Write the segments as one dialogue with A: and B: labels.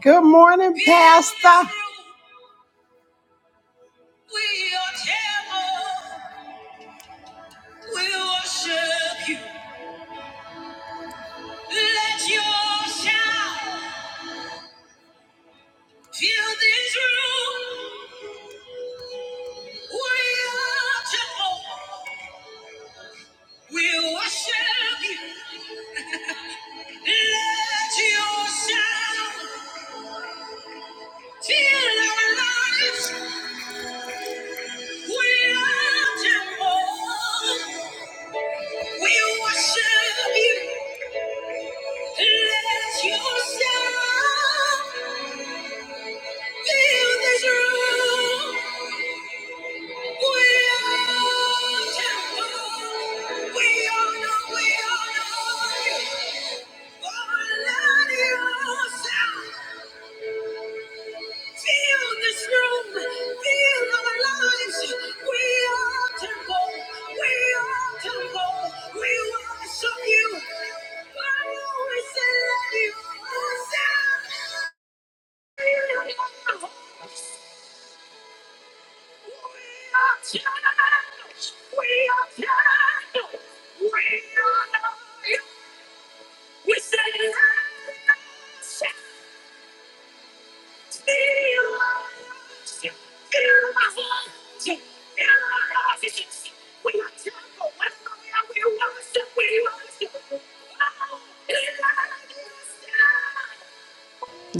A: Good morning.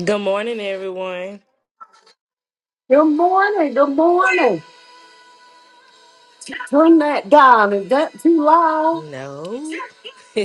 B: Good morning, everyone.
A: Good morning. Good morning. Turn that down. Is that too loud?
B: No.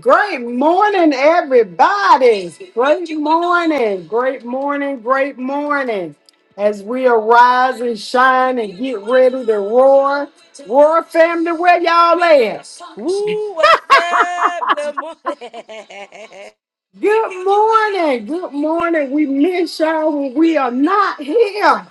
A: Great morning, everybody. Great morning. Great morning. Great morning. As we arise and shine and get ready to roar, roar family, where y'all at?
B: Woo, what's up? Good morning.
A: Good morning. Good morning. We miss y'all when we are not here.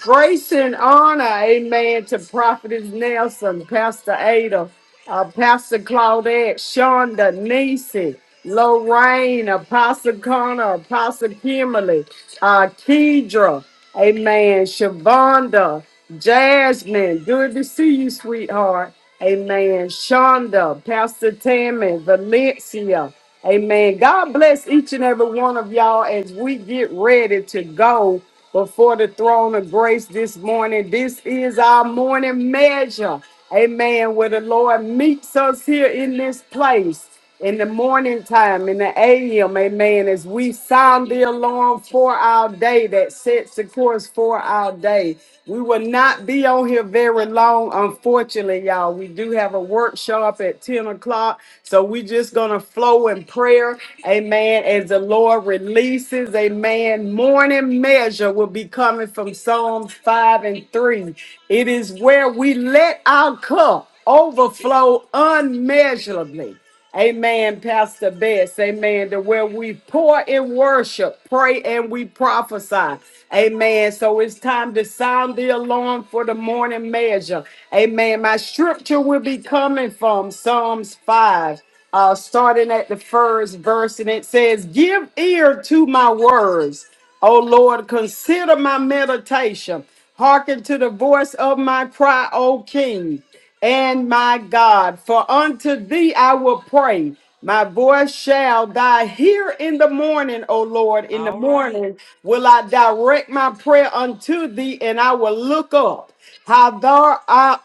A: Grace and honor, amen, to Prophetess Nelson, Pastor Ada, uh, Pastor Claudette, Shonda, Nisi, Lorraine, Apostle Connor, Apostle Kimberly, uh, Kedra, amen, Shavonda, Jasmine, good to see you, sweetheart, amen, Shonda, Pastor Tammy, Valencia, Amen. God bless each and every one of y'all as we get ready to go before the throne of grace this morning. This is our morning measure. Amen. Where the Lord meets us here in this place in the morning time, in the AM. Amen. As we sound the alarm for our day that sets the course for our day. We will not be on here very long, unfortunately, y'all. We do have a workshop at 10 o'clock. God. So we just gonna flow in prayer, amen. As the Lord releases, amen. Morning measure will be coming from Psalms 5 and 3. It is where we let our cup overflow unmeasurably. Amen, Pastor Bess. Amen. To where we pour in worship, pray, and we prophesy. Amen. So it's time to sound the alarm for the morning measure. Amen. My scripture will be coming from Psalms 5, uh, starting at the first verse, and it says, Give ear to my words. O Lord, consider my meditation. Hearken to the voice of my cry, O King and my God. For unto thee I will pray. My voice shall die hear in the morning, O Lord. In the
B: All right.
A: morning will I direct my prayer unto thee, and I will look up. How thou art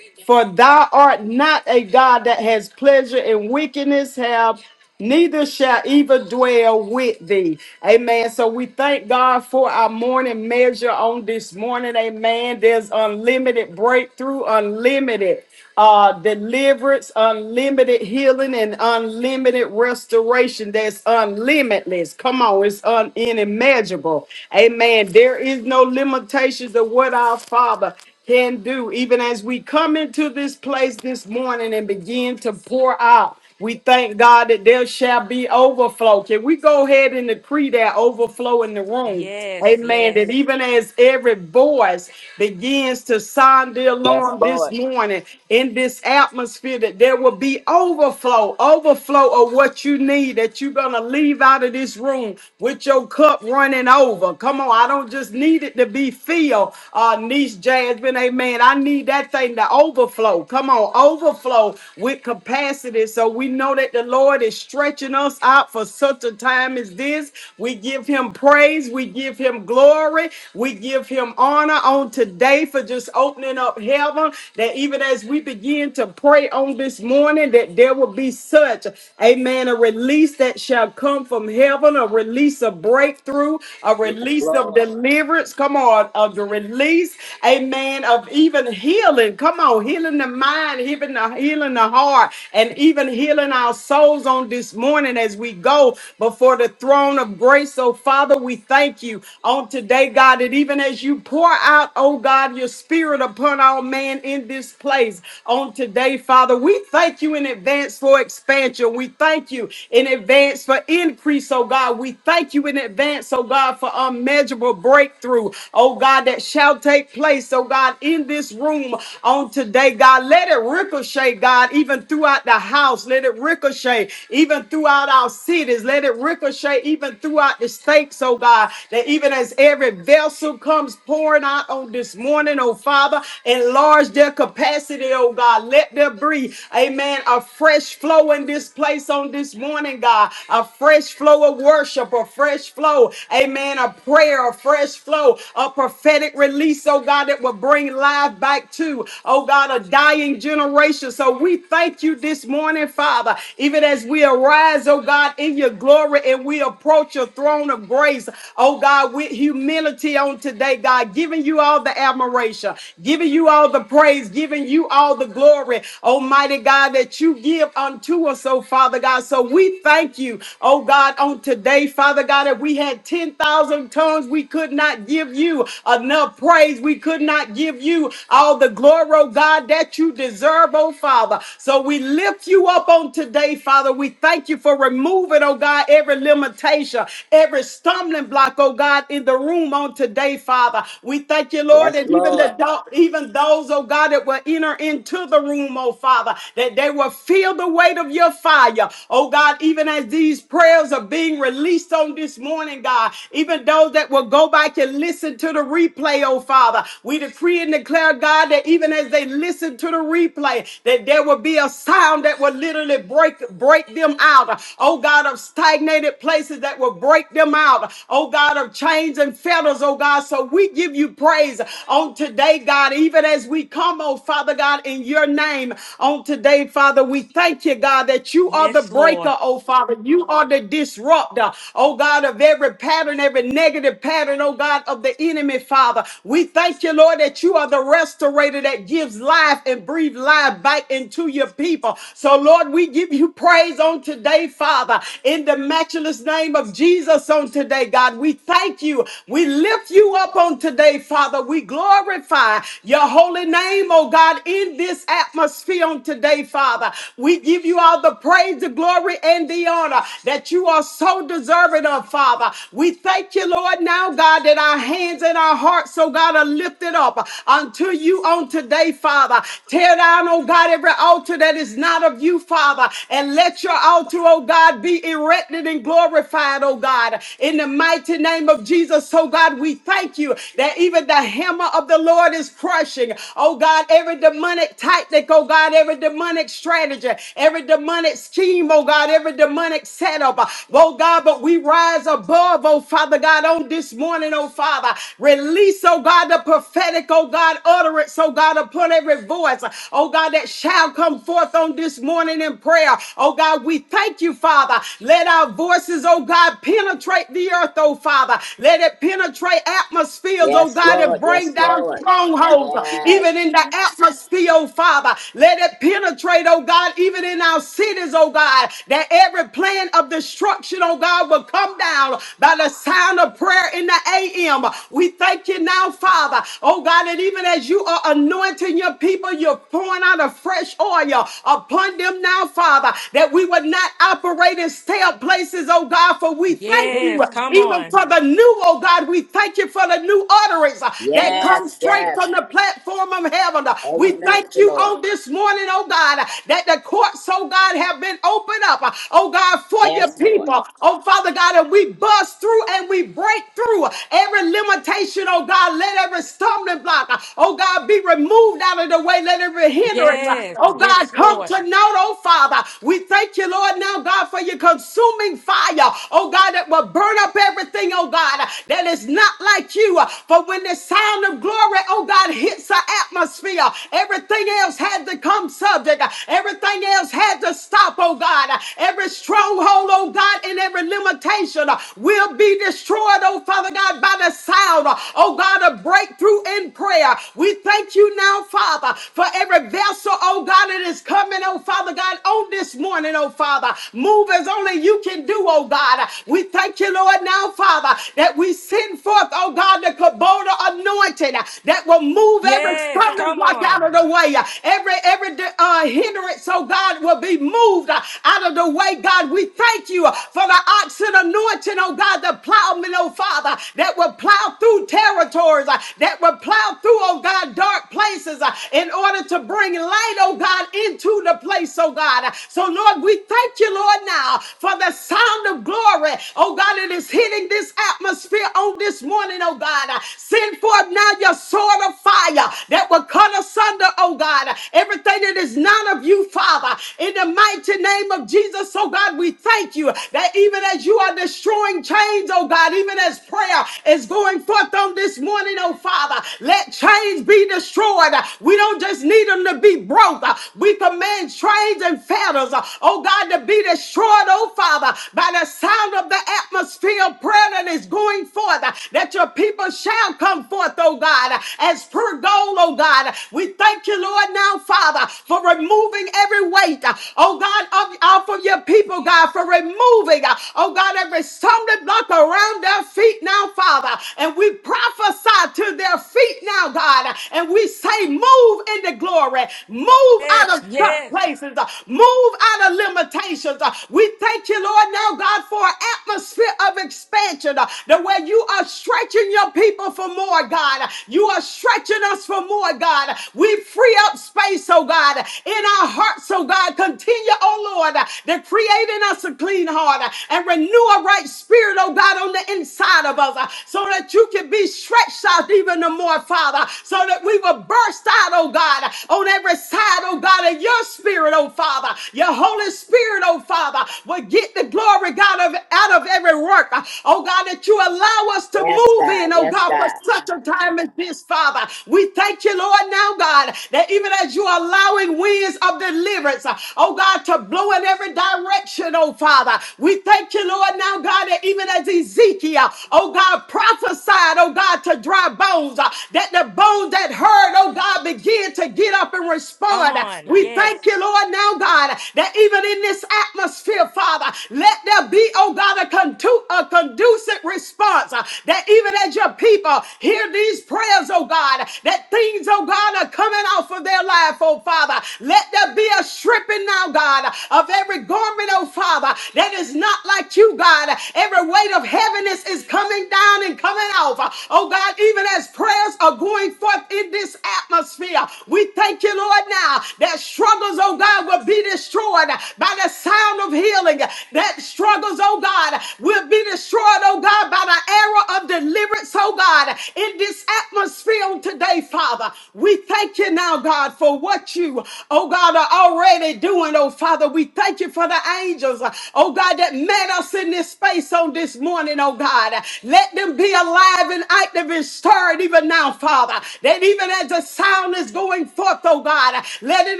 A: for thou art not a God that has pleasure in wickedness, have neither shall evil dwell with thee. Amen. So we thank God for our morning measure on this morning. Amen. There's unlimited breakthrough, unlimited uh, deliverance, unlimited healing, and unlimited restoration. That's unlimitless. Come on, it's un- inimaginable. Amen. There is no limitations of what our Father can do. Even as we come into this place this morning and begin to pour out, we thank God that there shall be overflow. Can we go ahead and decree that overflow in the room?
B: Yes,
A: Amen. That
B: yes.
A: even as every voice begins to sound the
C: Yes,
A: alarm this
C: Lord.
A: morning in this atmosphere, that there will be overflow, overflow of what you need, that you're going to leave out of this room with your cup running over. Come on, I don't just need it to be filled. Uh, uh, niece Jasmine. Amen. I need that thing to overflow. Come on, overflow with capacity. So we know that the Lord is stretching us out for such a time as this. We give him praise. We give him glory. We give him honor on today for just opening up heaven. That even as we begin to pray on this morning, that there will be such, amen, a release that shall come from heaven, a release of breakthrough, a
C: Yes,
A: release of
C: Lord.
A: deliverance. Come on, Lord, of the release, amen, of even healing. Come on, healing the mind, healing the, healing the heart, and even healing our souls on this morning as we go before the throne of grace. So, Father, we thank you on today, God, that even as you pour out, oh God, your spirit upon our man in this place on today, Father, we thank you in advance for expansion. We thank you in advance for increase, oh God. We thank you in advance, oh God, for unmeasurable breakthrough breakthrough, oh God, that shall take place, oh God, in this room on today, God. Let it ricochet, God, even throughout the house. Let it ricochet, even throughout our cities. Let it ricochet, even throughout the states, oh God, that even as every vessel comes pouring out on this morning, oh Father, enlarge their capacity, oh God. Let there be, amen, a fresh flow in this place on this morning, God. A fresh flow of worship, a fresh flow, amen, of prayer, a fresh flow, a prophetic release, oh God, that will bring life back to, oh God, a dying generation. So we thank you this morning, Father, even as we arise, oh God, in your glory and we approach your throne of grace, oh God, with humility on today, God, giving you all the admiration, giving you all the praise, giving you all the glory, Almighty God, that you give unto us, oh Father God. So we thank you, oh God, on today, Father God, that we had like 10,000 tongues, we could not give you enough praise. We could not give you all the glory, oh God, that you deserve, oh Father. So we lift you up on today, Father. We thank you for removing, oh God, every limitation, every stumbling block, oh God, in the room on today, Father. We thank you, Lord,
C: Yes,
A: and even the
C: Lord.
A: do- even those, oh God, that will enter into the room, oh Father, that they will feel the weight of your fire, oh God, even as these prayers are being released, on this morning, God. Even those that will go back and listen to the replay, oh Father. We decree and declare, God, that even as they listen to the replay, that there will be a sound that will literally break break them out. Oh God, of stagnated places that will break them out. Oh God, of chains and fetters, oh God. So we give you praise on today, God, even as we come, oh Father God, in your name on today, Father. We thank you, God, that you are the
B: Yes, Lord.
A: breaker, oh Father. You are the disruptor disrupt, uh, oh God, of every pattern, every negative pattern, oh God, of the enemy, Father. We thank you, Lord, that you are the restorator that gives life and breathe life back into your people. So, Lord, we give you praise on today, Father, in the matchless name of Jesus on today, God. We thank you. We lift you up on today, Father. We glorify your holy name, oh God, in this atmosphere on today, Father. We give you all the praise, the glory, and the honor crown uh, that you are so deserving of, Father. We thank you, Lord, now, God, that our hands and our hearts, so God, are lifted up uh, unto you on today, Father. Tear down, oh God, every altar that is not of you, Father, and let your altar, oh God, be erected and glorified, oh God, in the mighty name of Jesus. So, God, we thank you that even the hammer of the Lord is crushing, oh God, every demonic tactic, oh God, every demonic strategy, every demonic scheme, oh God. God, every demonic setup, uh, oh God, but we rise above, oh Father God, on this morning, oh Father. Release, oh God, the prophetic, oh God, utterance, oh God, upon every voice, uh, oh God, that shall come forth on this morning in prayer. Oh God, we thank you, Father. Let our voices, oh God, penetrate the earth, oh Father. Let it penetrate atmospheres, oh
C: Yes,
A: God, and
C: Lord. Yes,
A: bring down
C: Lord.
A: strongholds, uh,
C: Yes.
A: even in the atmosphere, oh Father. Let it penetrate, oh God, even in our cities cities, oh God, that every plan of destruction, oh God, will come down by the sound of prayer in the AM. We thank you now, Father, oh God, and even as you are anointing your people, you're pouring out a fresh oil upon them now, Father, that we would not operate in stale places, oh God, for we thank you
B: Yes, come
A: even
B: on.
A: for the new, oh God, we thank you for the new utterance uh, that comes
C: Yes.
A: straight
C: Yes.
A: from the platform of heaven.
C: Oh,
A: We
C: thank
A: thank
C: you,
A: you
C: Lord.
A: on this morning, oh God, that the the courts, oh God, have been opened up, uh, oh God, for your
C: Yes, Lord.
A: people. Oh Father God, and we bust through and we break through every limitation, oh God. Let every stumbling block, uh, oh God, be removed out of the way. Let every hindrance, uh,
B: Yes,
A: oh God,
B: yes,
A: come
B: Lord.
A: to note, oh Father. We thank you, Lord, now, God, for your consuming fire, oh God, that will burn up everything, oh God, uh, that is not like you. uh, For when the sound of glory, oh God, hits the atmosphere, everything else had to come subject subject. Everything else had to stop, oh God. Every stronghold, oh God, and every limitation uh, will be destroyed, oh Father God, by the sound, uh, oh God, of breakthrough in prayer. We thank you now, Father, for every vessel, oh God, that is coming, oh Father God, on this morning, oh Father. Move as only you can do, oh God. We thank you, Lord, now, Father, that we send forth, oh God, the Kubota anointing uh, that will move every
B: Yes,
A: stumbling
B: come
A: block out
B: on.
A: of the way, uh, every every uh, hindrance, so God, will be moved uh, out of the way. God, we thank you uh, for the oxen anointing, oh God, the plowman, oh Father, that will plow through territories, uh, that will plow through, oh God, dark places uh, in order to bring light, oh God, into the place, oh God. Uh, So, Lord, we thank you, Lord, now for the sound of glory, oh God, it is hitting this atmosphere on this morning, oh God. Uh, Send forth now your sword of fire that will cut asunder plunder, oh God, everything that is not of you, Father. In the mighty name of Jesus, oh God, we thank you that even as you are destroying chains, oh God, even as prayer is going forth on this morning, oh Father, let chains be destroyed. We don't just need them to be broke. We command chains and fetters, oh God, to be destroyed, oh Father, by the sound of the atmosphere of prayer that is going forth, that your people shall come forth, oh God, as per goal, oh oh God. We thank you, Lord, now, Father, for removing every weight, uh, oh God, of, off of your people, God, for removing, uh, oh God, every stumbling block around their feet now, Father. And we prophesy to their feet now, God, and we say, move into glory, move out
B: Yes,
A: of dark
B: yes.
A: places, uh, move out of limitations. uh, We thank you, Lord, now, God, for an atmosphere of expansion, uh, the way you are stretching your people for more, God. You are stretching stretching us for more, God. We free up space, oh God, in our hearts, oh God. Continue, oh Lord, to create in us a clean heart and renew a right spirit, oh God, on the inside of us so that you can be stretched out even the more, Father, so that we will burst out, oh God, on every side, oh God, of your spirit, oh Father, your Holy Spirit, oh Father, will get the glory, God, of, out of every work, oh God, that you allow us to
C: Yes,
A: move
C: God.
A: in, oh
C: Yes,
A: God, for
C: God.
A: such a time premises, Father. We thank you, Lord, now, God, that even as you're allowing winds of deliverance, uh, oh God, to blow in every direction, oh Father. We thank you, Lord, now, God, that even as Ezekiel, oh God, prophesied, oh God, to dry bones, uh, that the bones that heard, oh God, begin to get up and
B: Come
A: respond.
B: on.
A: We thank you,
B: Yes,
A: Lord, now, God, that even in this atmosphere, Father, let there be, oh God, a, contu- a conducive response, uh, that even as your people, people hear these prayers, oh God, that things, oh God, are coming off of their life, oh Father. Let there be a stripping now, God, of every garment, oh Father, that is not like you, God. Every weight of heaviness is coming down and coming off. Oh God, even as prayers are going forth in this atmosphere, we thank you, Lord, now that struggles, oh God, will be destroyed by the sound of healing. That struggles, oh God, will be destroyed, oh God, by the arrow of deliverance deliverance, oh God, in this atmosphere today, Father. We thank you now, God, for what you, oh God, are already doing, oh Father. We thank you for the angels, oh God, that met us in this space on this morning, oh God. Let them be alive and active and stirred even now, Father. That even as the sound is going forth, oh God, let it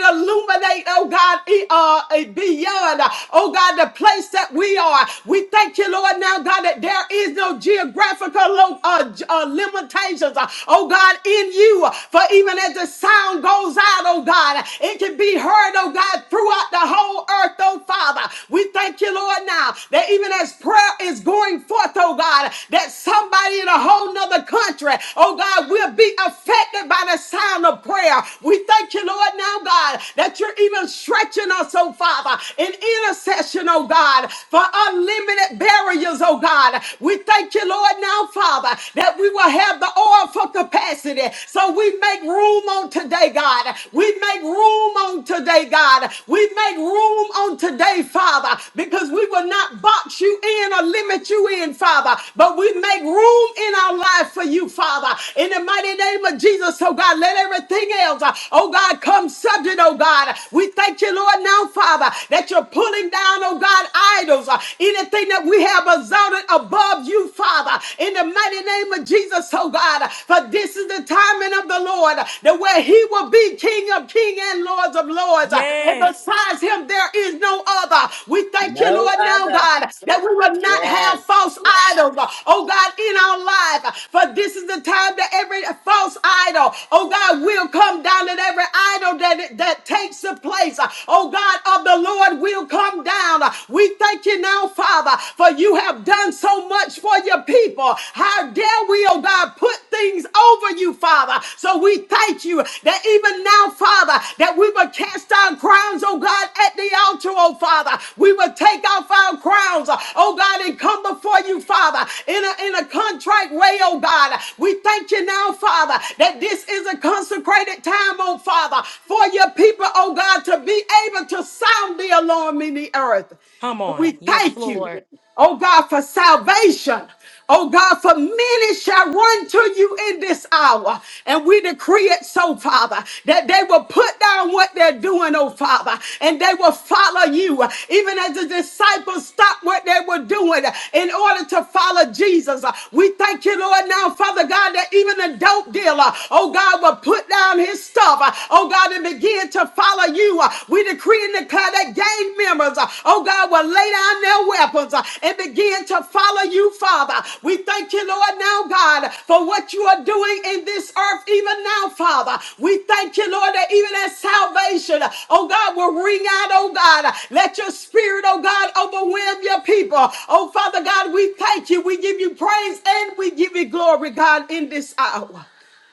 A: illuminate, oh God, e- uh, uh, beyond, oh God, the place that we are. We thank you, Lord, now, God, that there is no of geographical lo- uh, j- uh, limitations, uh, oh God, in you. For even as the sound goes out, oh God, it can be heard, oh God, throughout the whole earth, oh Father. We thank you, Lord, now that even as prayer is going forth, oh God, that somebody in a whole nother country, oh God, will be affected by the sound of prayer. We thank you, Lord, now, God, that you're even stretching us, oh Father, in intercession, oh God, for unlimited barriers, oh God. God. We thank you, Lord, now, Father, that we will have the oil for capacity. So we make room on today, God. We make room on today, God. We make room on today, Father, because we will not box you in or limit you in, Father, but we make room in our life for you, Father. In the mighty name of Jesus, oh God, let everything else, uh, oh God, come subject, oh God. We thank you, Lord, now, Father, that you're pulling down, oh God, idols, uh, anything that we we have exalted above you, Father, in the mighty name of Jesus, oh God. For this is the timing of the Lord, that where he will be King of King and Lords of Lords. And
B: yes.
A: besides him, there is no other. We thank you,
C: No
A: Lord, now,
C: other.
A: God, that we will not have
C: Yes.
A: false idols, oh God, in our life. For this is the time that every false idol, oh God, will come down, and every idol that, that takes the place, oh God, of the Lord will come down. We thank you now now, Father, for you have done so much for your people. How dare we, oh God, put things over you, Father. So we thank you that even now, Father, that we will cast down crowns, oh God, at the altar, oh Father. We will take off our crowns, oh God, and come before you, Father, in a, in a contrite way, oh God. We thank you now, Father, that this is a consecrated time, oh Father, for your people, oh God, to be able to sound the alarm in the earth.
B: Come
A: We
B: on. Yes,
A: thank you,
B: Lord.
A: oh God, for salvation. Oh God, for many shall run to you in this hour. And we decree it so, Father, that they will put down what they're doing, oh Father, and they will follow you. Even as the disciples stopped what they were doing in order to follow Jesus. We thank you, Lord, now, Father God, that even a dope dealer, oh God, will put down his stuff, oh God, and begin to follow you. Uh, We decree and declare that gang members, uh, oh God, will lay down their weapons uh, and begin to follow you, Father. We thank you, Lord, now, God, for what you are doing in this earth, even now, Father. We thank you, Lord, that even as salvation, uh, oh God, will ring out, oh God. Uh, Let your spirit, oh God, overwhelm your people. Oh Father God, we thank you. We give you praise and we give you glory, God, in this hour.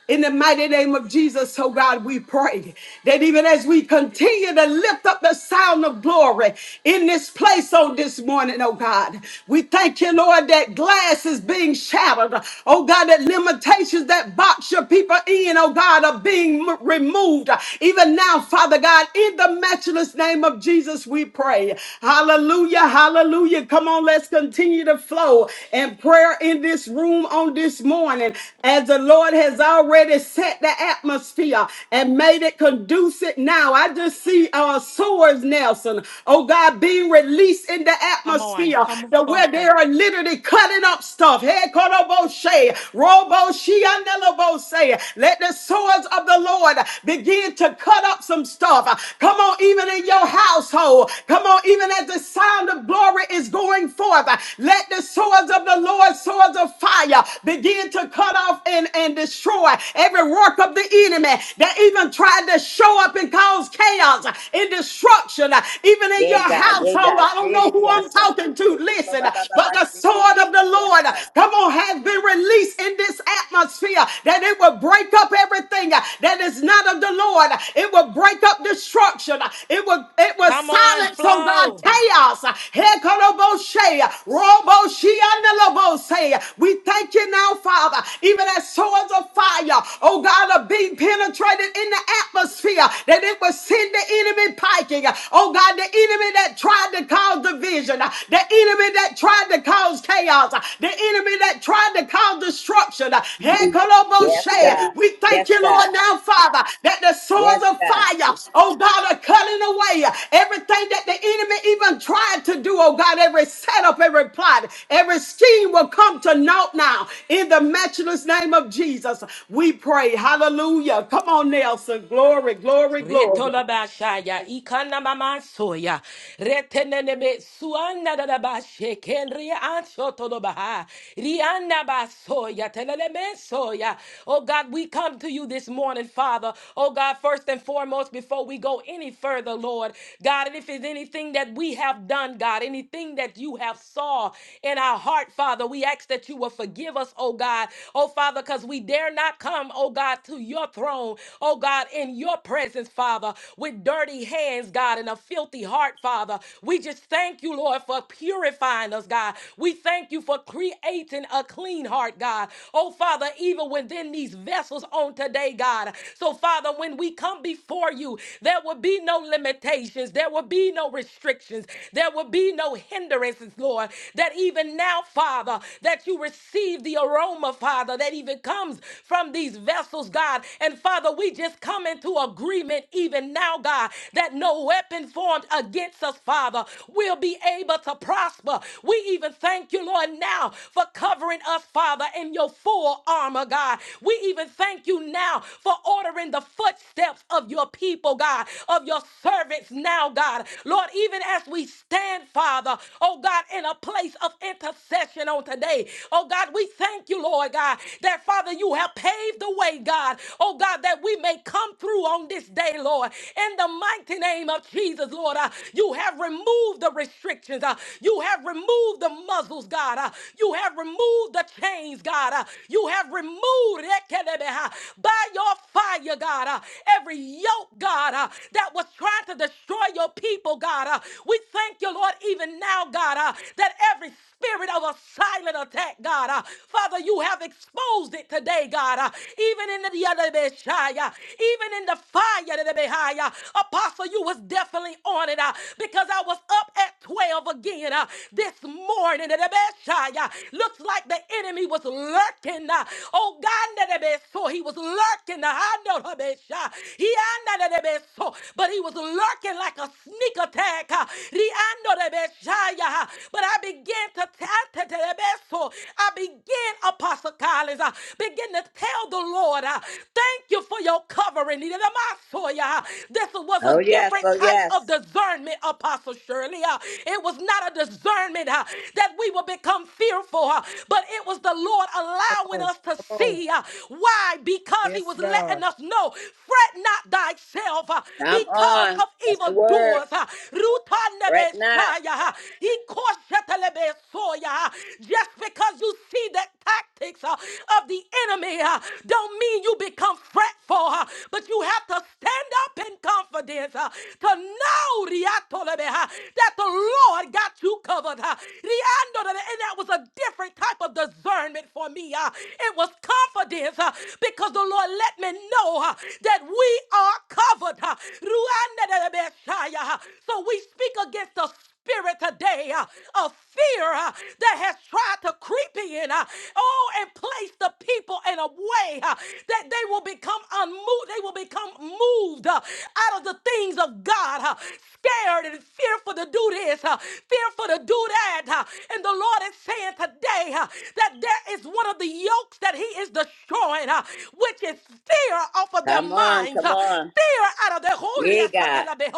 A: In the mighty name of Jesus, oh God, we pray that even as we continue to lift up the sound of glory in this place on this morning, oh God, we thank you, Lord, that glass is being shattered. Oh God, that limitations that box your people in, oh God, are being m- removed. Even now, Father God, in the matchless name of Jesus, we pray. Hallelujah, hallelujah. Come on, let's continue continue to flow and prayer in this room on this morning as the Lord has already set the atmosphere and made it conducive now. I just see our swords, Nelson, oh God, being released in the
B: Come on.
A: atmosphere
B: Come
A: to
B: on.
A: where they are literally cutting up stuff. Hey, Koroboshe, Roboshi, Anelobose. Let the swords of the Lord begin to cut up some stuff. Come on. Come on, even in your household. Come on, even as the sound of glory is going forth. Let the swords of the Lord, swords of fire, begin to cut off and, and destroy every work of the enemy that even tried to show up and cause chaos and destruction, even in
C: Yea,
A: your
C: God. Yea,
A: household.
C: God.
A: I don't know
C: Shady
A: who
C: the
A: I'm
C: outside.
A: talking to. Listen, but the sword of the Lord, come on, has been released in this atmosphere that it will break up everything uh, that is not of the Lord. It will break up destruction. It will it will
B: Come on,
A: silence, oh God,
B: flow.
A: chaos. Hekoroboshe, roboshiandalobose. We thank you now, Father, even as swords of fire, oh God, are being penetrated in the atmosphere, that it will send the enemy piking. Oh God, the enemy that tried to cause division, the enemy that tried to cause chaos, uh, the enemy that tried to cause destruction. uh, hey,
C: Yes, God.
A: Koloboshe, We thank
C: Yes,
A: you,
C: God.
A: Lord, now, Father, that the
C: Yes,
A: swords of
C: God.
A: fire, oh God, are cutting away uh, everything that the enemy even tried to do, oh God, every setup, every plot, every scheme will come to naught now. In the matchless name of Jesus, we pray. Hallelujah. Come on, Nelson. Glory, glory, glory.
B: Retolabashaya, Ikana Mama Soya. Retenenebe suanda da ba sheken rian shoto Rianda ba soya teleleme soya. Oh God, we come to you this morning, Father. Oh God, first and foremost, before we go any further, Lord, God, and if it's anything that we have done, God, anything that you have saw in our heart, Father, we ask that you will forgive us, oh God. Oh Father, because we dare not come, oh God, to your throne, oh God, in your presence, Father, with dirty hands hands, God, and a filthy heart, Father. We just thank you, Lord, for purifying us, God. We thank you for creating a clean heart, God. Oh, Father, even within these vessels on today, God. So, Father, when we come before you, there will be no limitations, there will be no restrictions, there will be no hindrances, Lord. That even now, Father, that you receive the aroma, Father, that even comes from these vessels, God. And Father, we just come into agreement, even even now, God, that no weapon formed against us, Father, will be able to prosper. We even thank you, Lord, now for covering us, Father, in your full armor, God. We even thank you now for ordering the footsteps of your people, God, of your servants now, God. Lord, even as we stand, Father, oh God, in a place of intercession on today, oh God, we thank you, Lord God, that Father, you have paved the way, God, oh God, that we may may come through on this day, Lord. In the mighty name of Jesus, Lord, uh, you have removed the restrictions. uh, you have removed the muzzles, God. uh, you have removed the chains, God. uh, you have removed Ekelebe, uh, by your fire, God. uh, every yoke, God, uh, that was trying to destroy your people, God. uh, we thank you, Lord, even now, God, uh, that every spirit of a silent attack, God. uh, Father, you have exposed it today, God. uh, Even even in the Yadabeshaya, even in the fire Yadabehaya. Apostle, you was definitely on it uh, because I was up at 12 again uh, this morning. Yadabeshaya. Looks like the enemy was lurking. Uh, oh God, that the Beshaya, so he was lurking. Uh, I know Yadabesha. He I know Yadabeso, but he was lurking like a sneak attack. Uh, Riando Yadabeshaya. Uh, But I began to tell the Beshaya. I began, Apostle Collins. uh, Begin to tell the Lord, uh, thank you for your covering. Nehemiah. This was
C: Oh,
B: a
C: yes.
B: different
C: Oh,
B: type
C: yes.
B: of discernment, Apostle Shirley. uh, It was not a discernment uh, that we will become fearful, uh, but it was the Lord
D: Come
B: allowing
D: on.
B: us to
D: Come on.
B: see. uh, Why? Because He
D: Yes,
B: was
D: God.
B: letting us know, fret not thyself uh,
C: Come
B: because
C: on.
B: of
C: That's the word.
B: evildoers. uh,
C: Fret not.
B: Rutanebeshaya, uh, Ikoshetelebe- Soya. Just because you see mean that tactics uh, of the enemy uh, don't mean you become fretful, uh, but you have to stand up in confidence uh, to know Riatolebe, uh, that the Lord got you covered. uh, Riandolebe, And that was a different type of discernment for me. uh, It was confidence uh, because the Lord let me know uh, that we are covered. uh, Ruandelebe, uh, So we speak against the spirit today uh, of fear uh, that has tried to creep in, uh, oh, and place the people in a way uh, that they will become unmoved, they will become moved uh, out of the things of God, uh, scared and fearful to do this, uh, fearful to do that. uh, and the Lord is saying today uh, that there is one of the yokes that He is destroying, uh, which is fear off of their
C: Come on.
B: minds,
C: Come
B: uh,
C: on.
B: fear out of their
C: Yeah, God.
B: fear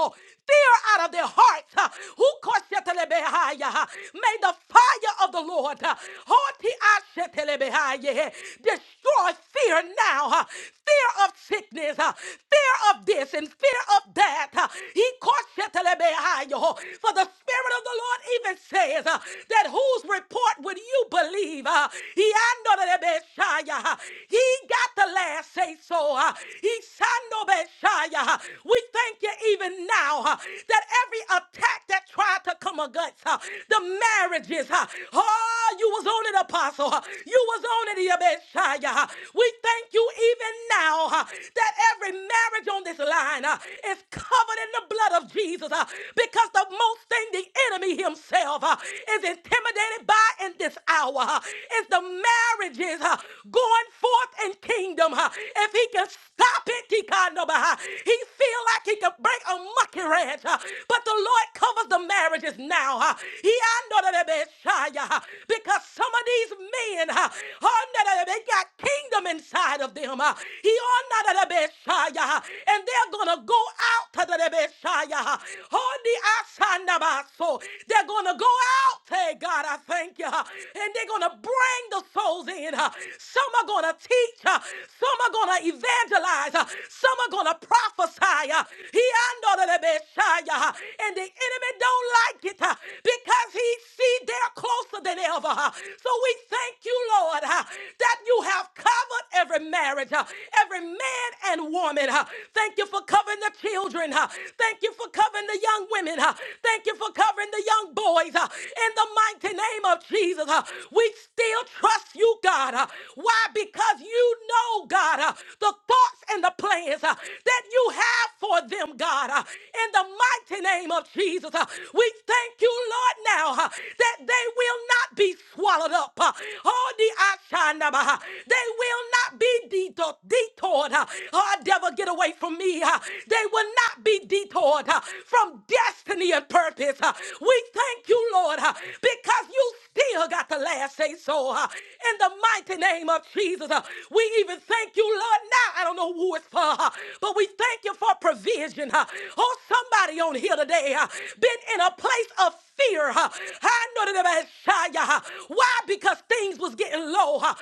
B: out of their their hearts. uh, Who koshetelebehaya, uh, May the fire of the Lord uh, hotiashetelebehaya, destroy fear now. uh, Fear of sickness, uh, fear of this and fear of that. uh, He koshetelebehaya, uh, For the Spirit of the Lord even says uh, that whose report would you believe? uh, He andorelebeshaya, uh, He got the last say so. uh, He sandobeshaya. uh, We thank you even you now uh, that every attack that tried to come against uh, the marriages, uh, oh, you was on it, Apostle. uh, you was on it, uh, Messiah. uh, we thank you even now uh, that every marriage on this line uh, is covered in the blood of Jesus uh, because the most thing the enemy himself uh, is intimidated by in this hour uh, is the marriages uh, going forth in kingdom. uh, if he can stop it, he can't know, but, uh, he feel like he could break a mucky ranch, uh, but the Lord covers the marriages now. uh, He I know that they been shy, uh, because some of these men, uh, oh, no, no, no, they got kingdom inside of them. uh, He on that they been shy, uh, and they're gonna go out to the best shy, uh, on the outside of our soul. They're gonna go out, hey God, I thank you, uh, and they're gonna bring the souls in. uh, Some are gonna teach, uh, some are gonna evangelize, uh, Some some are going to prophesy. uh, He under the Messiah, uh, and the enemy don't like it uh, because he see they're closer than ever. uh. So we thank you, Lord, uh, that you have covered every marriage, uh, every man and woman. uh. Thank you for covering the children. uh. Thank you for covering the young women. uh. Thank you for covering the young boys. uh. In the mighty name of Jesus, uh, we still trust you, God. uh. Why? Because you know, God, uh, the the thoughts and the plans uh, that you have for them, God. uh, In the mighty name of Jesus, uh, we thank you, Lord, now uh, that they will not be swallowed up. uh, Oh, the Ashanaba, uh, they will not be deto- detoured. uh, Oh, devil, get away from me. uh, They will not be detoured uh, from destiny and purpose. uh, We thank you, Lord, uh, because you still got the last say so. uh, In the mighty name of Jesus, uh, we we even thank you, Lord. Now I don't know who it's for, uh, but we thank you for provision. uh. Oh, somebody on here today uh, been in a place of fear. uh. I know that about Shia. huh? Why? Because things was getting low. uh.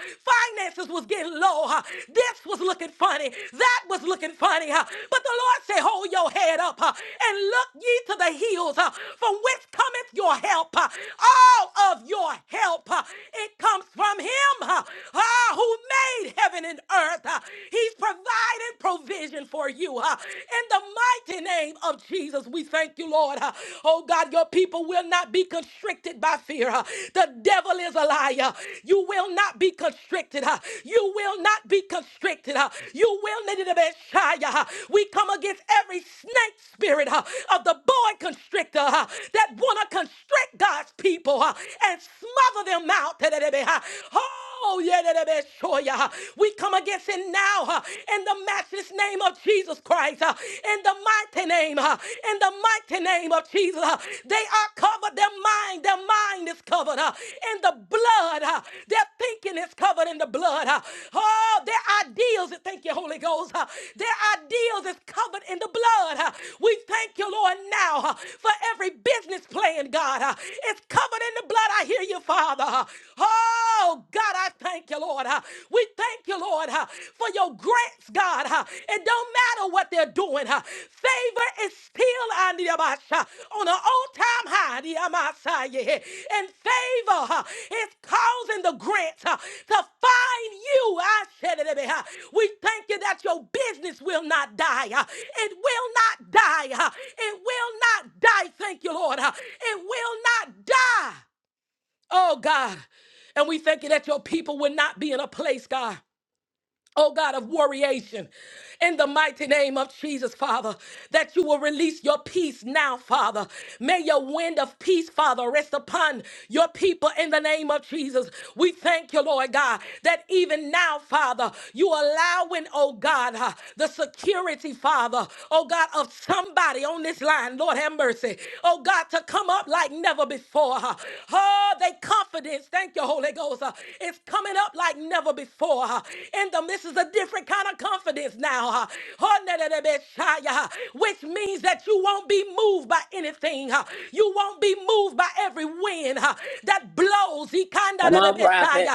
B: Finances was getting low. uh. This was looking funny. That was looking funny. uh. But the Lord said, hold your head up uh, and look ye to the hills uh, from whence cometh your help. uh. All of your help, uh, it comes from him. uh ah, who made heaven and earth. Ah, He's provided provision for you. Ah, In the mighty name of Jesus, we thank you, Lord. Ah, Oh God, your people will not be constricted by fear. Ah, The devil is a liar. You will not be constricted. Ah, You will not be constricted. Ah, You will need to be shy. Ah, We come against every snake spirit ah, of the boy constrictor ah, that want to constrict God's people ah, and smother them out. Oh, yeah, that that- that sure, yeah. We come against it now huh, in the matchless name of Jesus Christ, huh, in the mighty name, huh, in the mighty name of Jesus. huh. They are covered, their mind, their mind is covered huh, in the blood. huh. Their thinking is covered in the blood. huh. Oh, their ideals, thank you, Holy Ghost. huh, Their ideals is covered in the blood. huh. We thank you, Lord, now huh, for every business plan, God. huh, It's covered in the blood. I hear you, Father. Father. Oh, God, I thank you, Lord. We thank you, Lord, for your grants, God. It don't matter what they're doing. Favor is still on the on an all-time high. the Amasai. And favor is causing the grants to find you. I said it. eh, We thank you that your business will not die. It will not die. It will not die. Thank you, Lord. It will not die. Oh God. And we thank you that your people will not be in a place, God oh God of warriation, in the mighty name of Jesus, Father, that you will release your peace now, Father. May your wind of peace, Father, rest upon your people in the name of Jesus. We thank you, Lord God, that even now, Father, you allowing, oh God, uh, the security, Father, oh God, of somebody on this line, Lord have mercy, oh God, to come up like never before. uh. Oh, they confidence, thank you, Holy Ghost, uh, is coming up like never before. uh in them. This is a different kind of confidence now, huh? which means that you won't be moved by anything. huh? You won't be moved by every wind huh, that blows. You
C: Come on, prophet.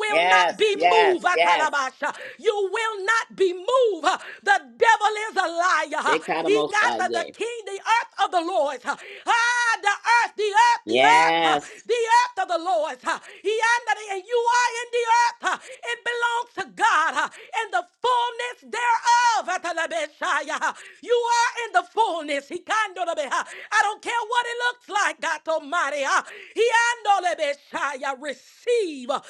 B: will not
C: Yes,
B: be
C: yes,
B: moved.
C: yes.
B: Atalabasha. You will not be moved. huh. The devil is a liar. huh.
C: They caught him
B: He
C: most by
B: got the, the
C: yay.
B: king, the earth of the Lord. huh. Ah, the earth, the earth, the earth, huh.
C: Yes.
B: the earth of the Lord. huh. He under the, and you are in the earth huh, it belongs to God uh, in the fullness thereof. Atalabeshaya, uh, You are in the fullness. Hikandorabe, uh, I don't care what it looks like, God Almighty. uh, Hiandolebeshaya, Receive, uh,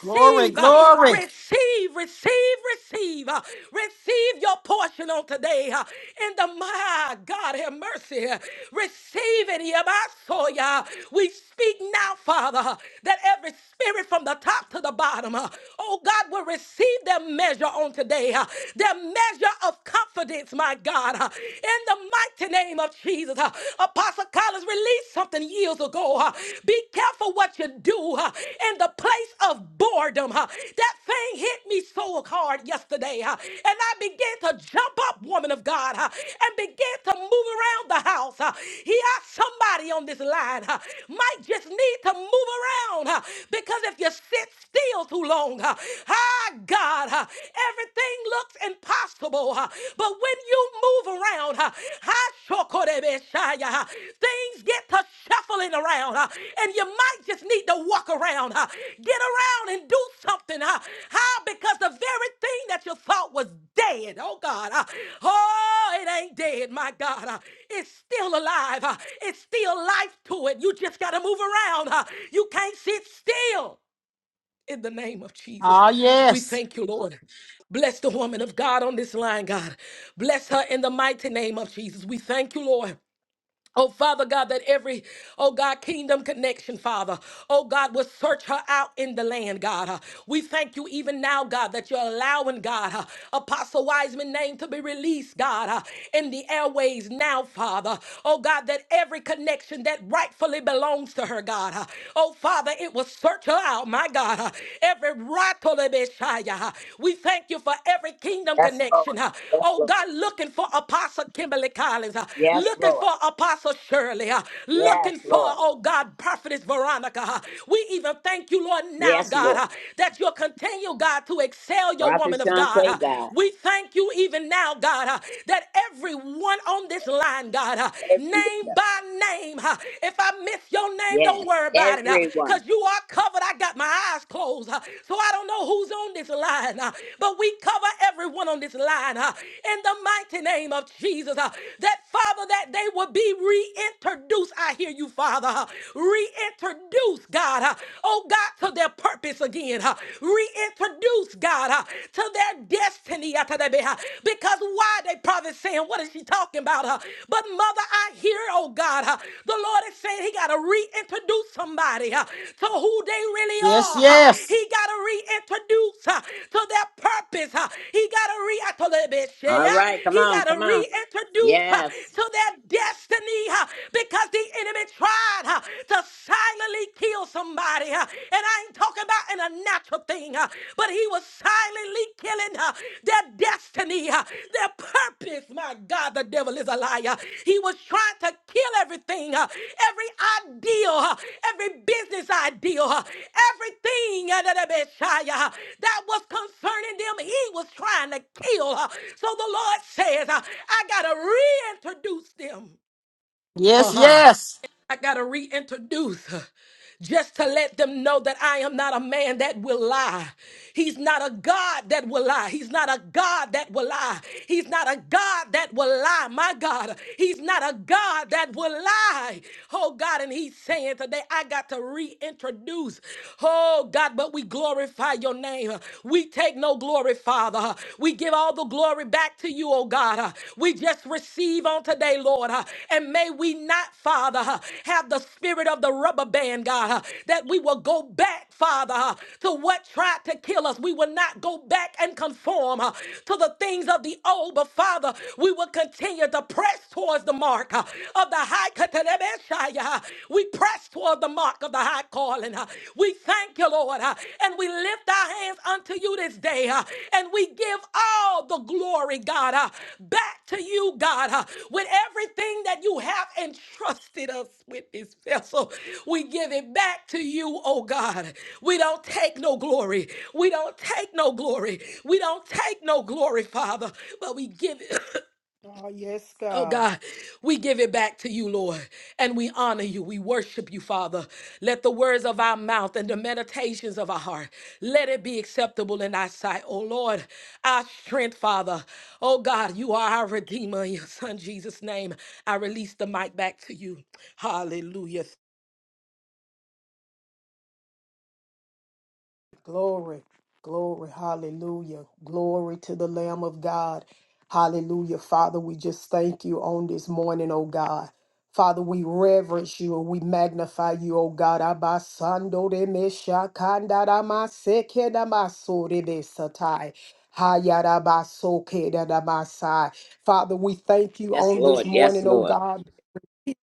A: Glory,
B: uh,
A: glory.
B: receive, receive, receive, uh, receive your portion on today. uh, In the my God, have mercy. uh, Receive it. Yabasoya. We speak now, Father, that every spirit from the top to the bottom, Oh God, will receive their measure on today, uh, their measure of confidence, my God, uh, in the mighty name of Jesus. uh, Apostle Collins released something years ago. uh, Be careful what you do uh, in the place of boredom. uh, That thing hit me so hard yesterday, uh, and I began to jump up, woman of God, uh, and began to move around the house. uh. He asked somebody on this line uh, might just need to move around uh, because if you sit still too long. huh? Ah, God, ah, everything looks impossible. ah, But when you move around, ah, ah, shokorebeshaya, ah, things get to shuffling around. ah, And you might just need to walk around, ah, get around and do something. huh? ah, How? Because the very thing that you thought was dead, oh God, ah, oh, it ain't dead, my God. ah, It's still alive. ah, It's still life to it. You just got to move around. ah, You can't sit still. In the name of Jesus, we thank you, Lord. Bless the woman of God on this line, God. Bless her in the mighty name of Jesus. We thank you, Lord. Oh, Father God, that every, oh God, kingdom connection, Father, oh God, will search her out in the land, God. Uh, We thank you even now, God, that you're allowing, God, uh, Apostle Wiseman name to be released, God, uh, in the airways now, Father. Oh God, that every connection that rightfully belongs to her, God. uh, Oh Father, it will search her out, my God. uh, Every rightfully Messiah. uh, We thank you for every kingdom
C: Yes, Lord.
B: connection. uh,
C: Yes,
B: Oh
C: Lord.
B: God, looking for Apostle Kimberly Collins, uh,
C: Yes,
B: looking
C: Lord.
B: for Apostle. Apostle Shirley, uh,
C: Yes,
B: looking for,
C: Lord.
B: oh God, Prophetess Veronica. uh, We even thank you, Lord, now,
C: Yes,
B: God,
C: Lord.
B: uh, that you'll continue, God, to excel your
C: Prophet
B: woman of God.
C: Shante,
B: uh.
C: God.
B: We thank you even now, God, uh, that everyone on this line, God, uh,
C: Every
B: name
C: leader.
B: by name, uh, if I miss your name,
C: Yes.
B: don't worry about it,
C: Everyone.
B: because you are covered. I got my eyes closed, uh, so I don't know who's on this line, uh, but we cover everyone on this line uh, in the mighty name of Jesus. uh, That Father, that they would be be reintroduced. I hear you, Father. huh? Reintroduce, God. huh? Oh, God, to their purpose again. huh? Reintroduce, God, huh? to their destiny. Because why they probably saying, what is she talking about? huh? But mother, I hear, oh God, uh, the Lord is saying he got to reintroduce somebody uh, to who they really are. uh, He got to reintroduce uh, to their purpose. uh, He got to re, yeah,
C: All
B: yeah."
C: right. Come
B: he
C: on.
B: got to
C: Come on.
B: reintroduce uh,
C: Yes.
B: to their destiny destiny huh, because the enemy tried huh, to silently kill somebody. huh. And I ain't talking about in a natural thing, huh, but he was silently killing huh, their destiny, huh, their purpose. My God, the devil is a liar. He was trying to kill everything, huh, every ideal, huh, every business ideal, huh, everything uh, that that Messiah, uh, that was concerning them. He was trying to kill. huh. So the Lord says, uh, I got to reintroduce them. Uh
A: Yes,
B: huh.
A: yes.
B: I got to reintroduce her just to let them know that I am not a man that will lie. He's not a God that will lie. He's not a God that will lie. He's not a God that will lie. My God, He's not a God that will lie. Oh God, and He's saying today, I got to reintroduce. Oh God, but we glorify your name. We take no glory, Father. We give all the glory back to you you, oh God. Uh, We just receive on today, Lord. uh, And may we not, Father, uh, have the spirit of the rubber band, God, uh, that we will go back, Father, uh, to what tried to kill us. We will not go back and conform uh, to the things of the old, but Father, we will continue to press towards the mark uh, of the high. We press toward the mark of the high call calling. Uh, We thank you, Lord, uh, and we lift our hands unto you this day, uh, and we give all the glory, God, uh, back to you, God, uh, with everything that you have entrusted us with this vessel. We give it back to you, oh God. We don't take no glory. We don't take no glory. We don't take no glory, Father, but we give it.
D: Oh, yes,
B: Oh
D: God.
B: God, we give it back to you, Lord, and we honor you. We worship you, Father. Let the words of our mouth and the meditations of our heart, let it be acceptable in our sight. Oh Lord, our strength, Father. Oh God, you are our Redeemer. In your Son Jesus' name, I release the mic back to you. Hallelujah.
D: Glory, glory, hallelujah. Glory to the Lamb of God. Hallelujah. Father, we just thank you on this morning, oh God. Father, we reverence you and we magnify you, oh God. Abasando de mesha kanda da maseke da masore de satai. Hayarabasoke da da masai. Father, we thank you
C: Yes,
D: on this
C: Lord. Yes,
D: morning, oh
C: Lord.
D: God.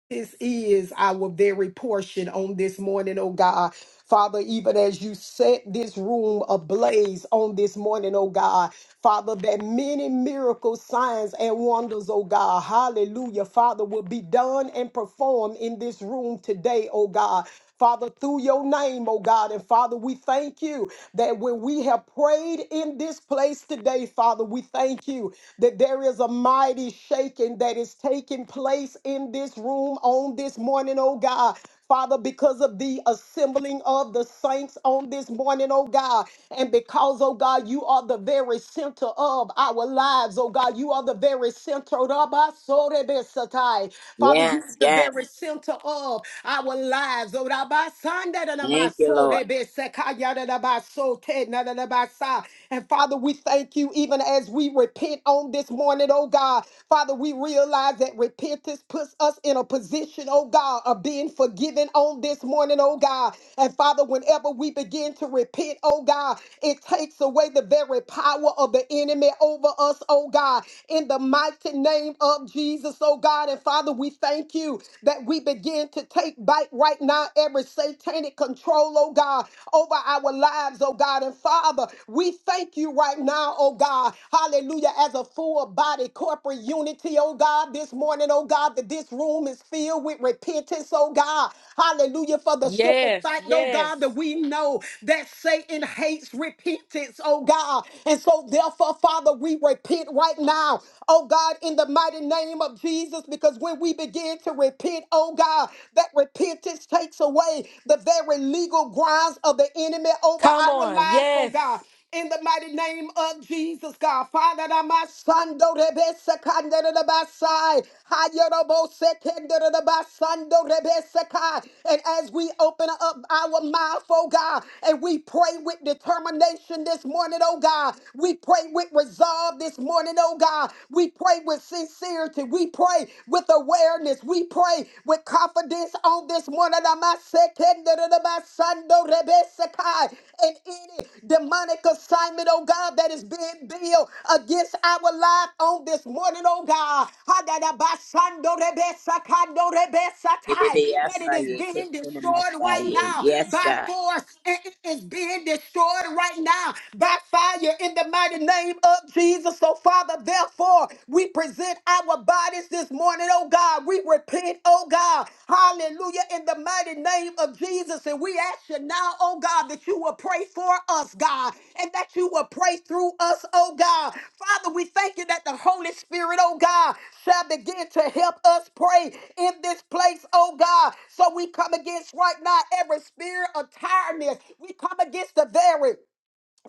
D: This is our very portion on this morning, oh God. Father, even as you set this room ablaze on this morning, oh God, Father, that many miracles, signs, and wonders, oh God, hallelujah, Father, will be done and performed in this room today, oh God. Father, through your name, oh God. And Father, we thank you that when we have prayed in this place today, Father, we thank you that there is a mighty shaking that is taking place in this room on this morning, oh God. Father, because of the assembling of the saints on this morning, oh God, and because, oh God, you are the very center of our lives, oh God, you are the very center of our soul, Father, you
C: Yes,
D: are the
C: yes.
D: very center of our lives. Oh, da ba san da da da ma
C: Thank you,
D: so,
C: Lord.
D: re be se ka ya da da ba so, te na da da ba sa. And Father, we thank you even as we repent on this morning, oh God. Father, we realize that repentance puts us in a position, oh God, of being forgiven on this morning, oh God. And Father, whenever we begin to repent, oh God, it takes away the very power of the enemy over us, oh God. In the mighty name of of Jesus, oh God. And Father, we thank you that we begin to take back right now every satanic control, oh God, over our lives, oh God. And Father, we thank you right now, oh God. Hallelujah. As a full body corporate unity, oh God, this morning, oh God, that this room is filled with repentance, oh God. Hallelujah. For the simple
B: Yes,
D: fact, oh God, that
B: yes.
D: we know that Satan hates repentance, oh God. And so, therefore, Father, we repent right now oh God, in the mighty name of Jesus, because when we begin to repent, oh God, that repentance takes away the very legal grounds of the enemy over
B: Come
D: our
B: on.
D: lives, oh God.
B: Yes.
D: In the mighty name of Jesus, God, Father, that my son, do rebesa kanda da da ba sai, hayorobo sekenda da da ba san do rebesa kai. and as we open up our mouth, oh God, and we pray with determination this morning, oh God, we pray with resolve resolve this morning, oh God. We pray with sincerity. We pray with awareness. We pray with confidence on this morning. Amasekenderebasandorebesekai. And any demonic assignment, oh God, that is being built against our life on this morning, oh God. Hadadabasandorebesakandorebesatai.
C: Yes,
D: That it is
C: I
D: being destroyed right
C: am.
D: now
C: Yes,
D: by
C: God.
D: force. It it is being destroyed right now by fire fire in the mighty name of Jesus. So, Father, therefore, we present our bodies this morning, oh God. We repent, oh God. Hallelujah, in the mighty name of Jesus. And we ask you now, oh God, that you will pray for us, God, and that you will pray through us, oh God. Father, we thank you that the Holy Spirit, oh God, shall begin to help us pray in this place, oh God. So we come against right now every spirit of tiredness. We come against the very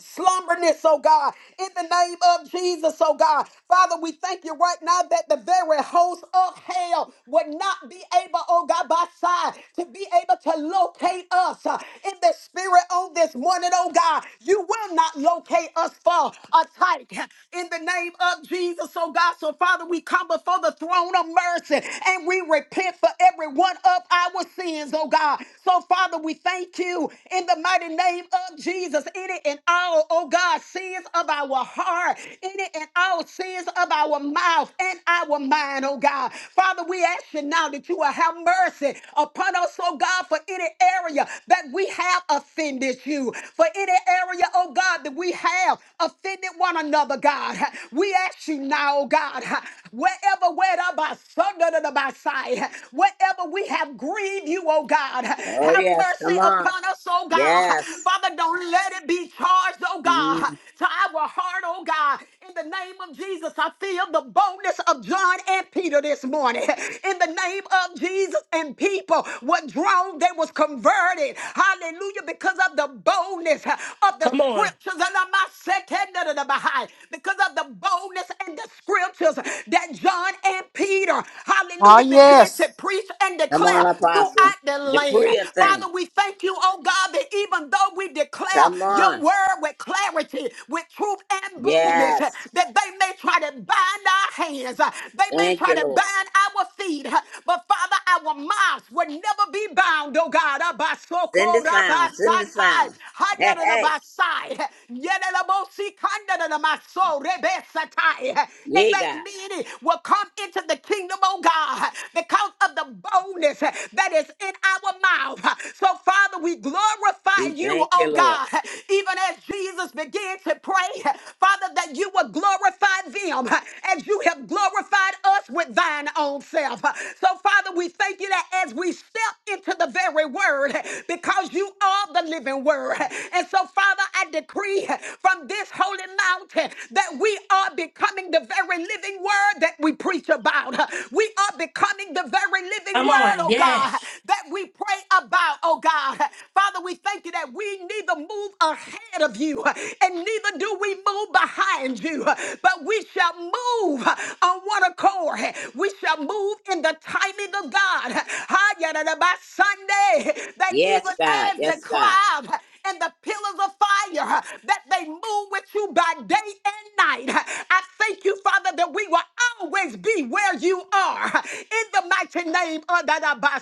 D: slumberness, oh God, in the name of Jesus, oh God. Father, we thank you right now that the very host of hell would not be able, oh God, by side to be able to locate us uh, in the spirit on this morning, oh God. You will not locate us for a tight in the name of Jesus, oh God. So, Father, we come before the throne of mercy and we repent for every one of our sins, oh God. So, Father, we thank you in the mighty name name of Jesus, any and all, oh God, sins of our heart, any and all sins of our mouth and our mind, oh God. Father, we ask you now that you will have mercy upon us, oh God, for any area that we have offended you, for any area, oh God, that we have offended one another, God. We ask you now, oh God, wherever, wherever, son, by side, wherever we have grieved you, oh God,
C: Oh,
D: have
C: yes.
D: mercy
C: Come on.
D: upon us, oh God.
C: Yes.
D: Father, don't let it be charged, oh God,
C: Mm.
D: to our heart, oh God. In the name of Jesus, I feel the boldness of John and Peter this morning. In the name of Jesus and people were drawn, they was converted. Hallelujah, because of the boldness of the
B: Come on.
D: scriptures and of my second, because of the boldness and in the scriptures that John and Peter, hallelujah, began to preach and
C: Come
D: declare
C: on,
D: throughout
C: Apostle.
D: the
C: Decree
D: land.
C: a
D: Father,
C: thing.
D: we thank you, oh God, that even though we declare
C: Come
D: your
C: on.
D: word with clarity, with truth and boldness, that
C: Yes.
D: they may try to bind our hands, they may
C: Thank
D: try
C: you,
D: to
C: Lord.
D: bind our feet, but Father, our mouths will never be bound, oh God.
C: Send the sound. Send the
D: Abasokorabasatai,
C: sound. Hey, hey.
D: hayarabasai, yerelabosikandarabaso, rebesatai, and
C: Yeah,
D: that
C: God.
D: many will come into the kingdom, oh God, because of the boldness that is in our mouth. So, Father, we glorify
C: We
D: you,
C: thank
D: oh
C: you, Lord.
D: God, even as Jesus began to pray, Father, that you will glorify them as you have glorified us with thine own self. So, Father, we thank you that as we step into the very word, because you are the living word. And so, Father, I decree from this holy mountain, that we are becoming the very living word that we preach about. We are becoming the very living
B: Come
D: word,
B: on.
D: oh God,
B: Yes.
D: that we pray about, oh God. Father, we thank you that we neither move ahead of you and neither do we move behind you, but we shall move on one accord. We shall move move in the timing of God. By Sunday, that
C: Yes,
D: even
C: God.
D: as the
C: Yes, God.
D: cloud and the pillars of fire, that they move with you by day and night. I thank you, Father, that we will always be where you are. In the mighty name of the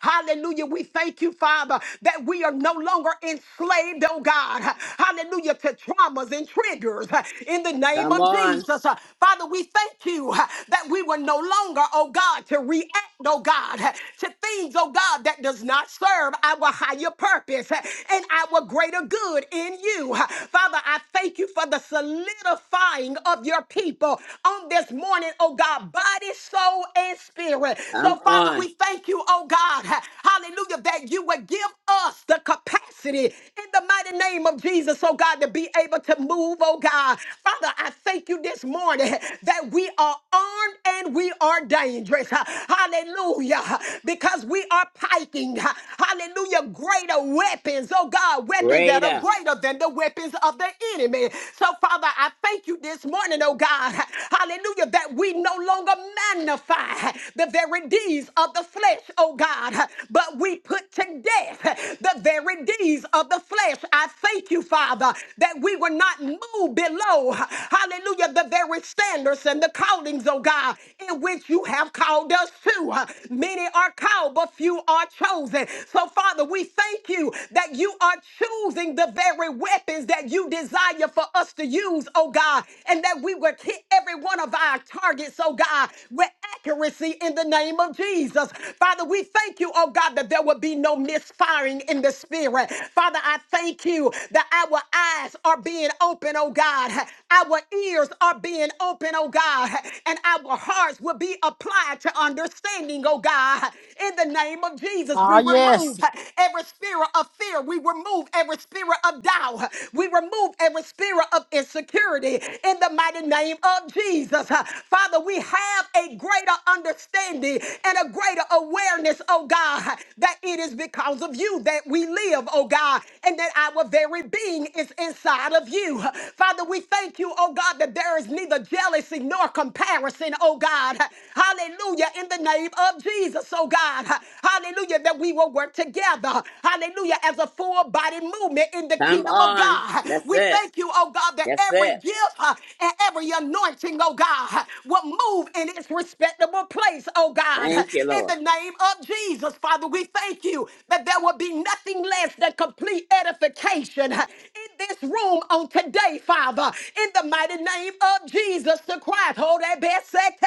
D: Hallelujah. We thank you, Father, that we are no longer enslaved, oh God. Hallelujah. To traumas and triggers in the name
C: Come
D: of
C: on.
D: Jesus. Father, we thank you you uh, that we will no longer, oh God, to react, oh God, uh, to things, oh God, that does not serve our higher purpose uh, and our greater good in you. Uh, Father, I thank you for the solidifying of your people on this morning, oh God, body, soul, and spirit. So,
C: Come
D: Father,
C: on.
D: we thank you, oh God, uh, hallelujah, that you would give us the capacity in the mighty name of Jesus, oh God, to be able to move move, oh God. Father, I thank you this morning that we are armed and we are dangerous. Hallelujah. Because we are piking. Hallelujah. Greater weapons, oh God, weapons that are
C: Greater.
D: greater than the weapons of the enemy. So, Father, I thank you this morning, oh God. Hallelujah. That we no longer magnify the very deeds of the flesh, oh God, but we put to death the very stubborn deeds of the flesh. I thank you, Father, that we will not move below, hallelujah, the very standards and the callings, oh God, in which you have called us to. Many are called, but few are chosen. So, Father, we thank you that you are choosing the very weapons that you desire for us to use, oh God, and that we would hit every one of our targets, oh God, with accuracy in the name of Jesus. Father, we thank you, oh God, that there will be no misfiring in the spirit. Father, I thank you that our eyes are being open, oh God. Our ears are being open, oh God. And our hearts will be applied to understanding, oh God. In the name of Jesus, we
A: Ah,
D: remove every spirit of fear. We remove every spirit of doubt. We remove every spirit of insecurity in the mighty name of Jesus. Father, Father, we have a greater understanding and a greater awareness, oh God, that it is because of you that we live, oh God, and that our very being is inside of you. Father, we thank you, oh God, that there is neither jealousy nor comparison, oh God. Hallelujah, in the name of Jesus, oh God. Hallelujah, that we will work together. Hallelujah, as a full body movement in the
C: Come
D: kingdom of
C: on.
D: God.
C: That's
D: We
C: it.
D: thank you, oh God. God, that
C: That's
D: every
C: it.
D: gift uh, and every anointing, oh God, will move in its respectable place, oh God.
C: Thank you,
D: In the
C: Lord.
D: name of Jesus, Father, we thank you that there will be nothing less than complete edification in this room on today, Father. In the mighty name of Jesus the Christ. Hold that best second,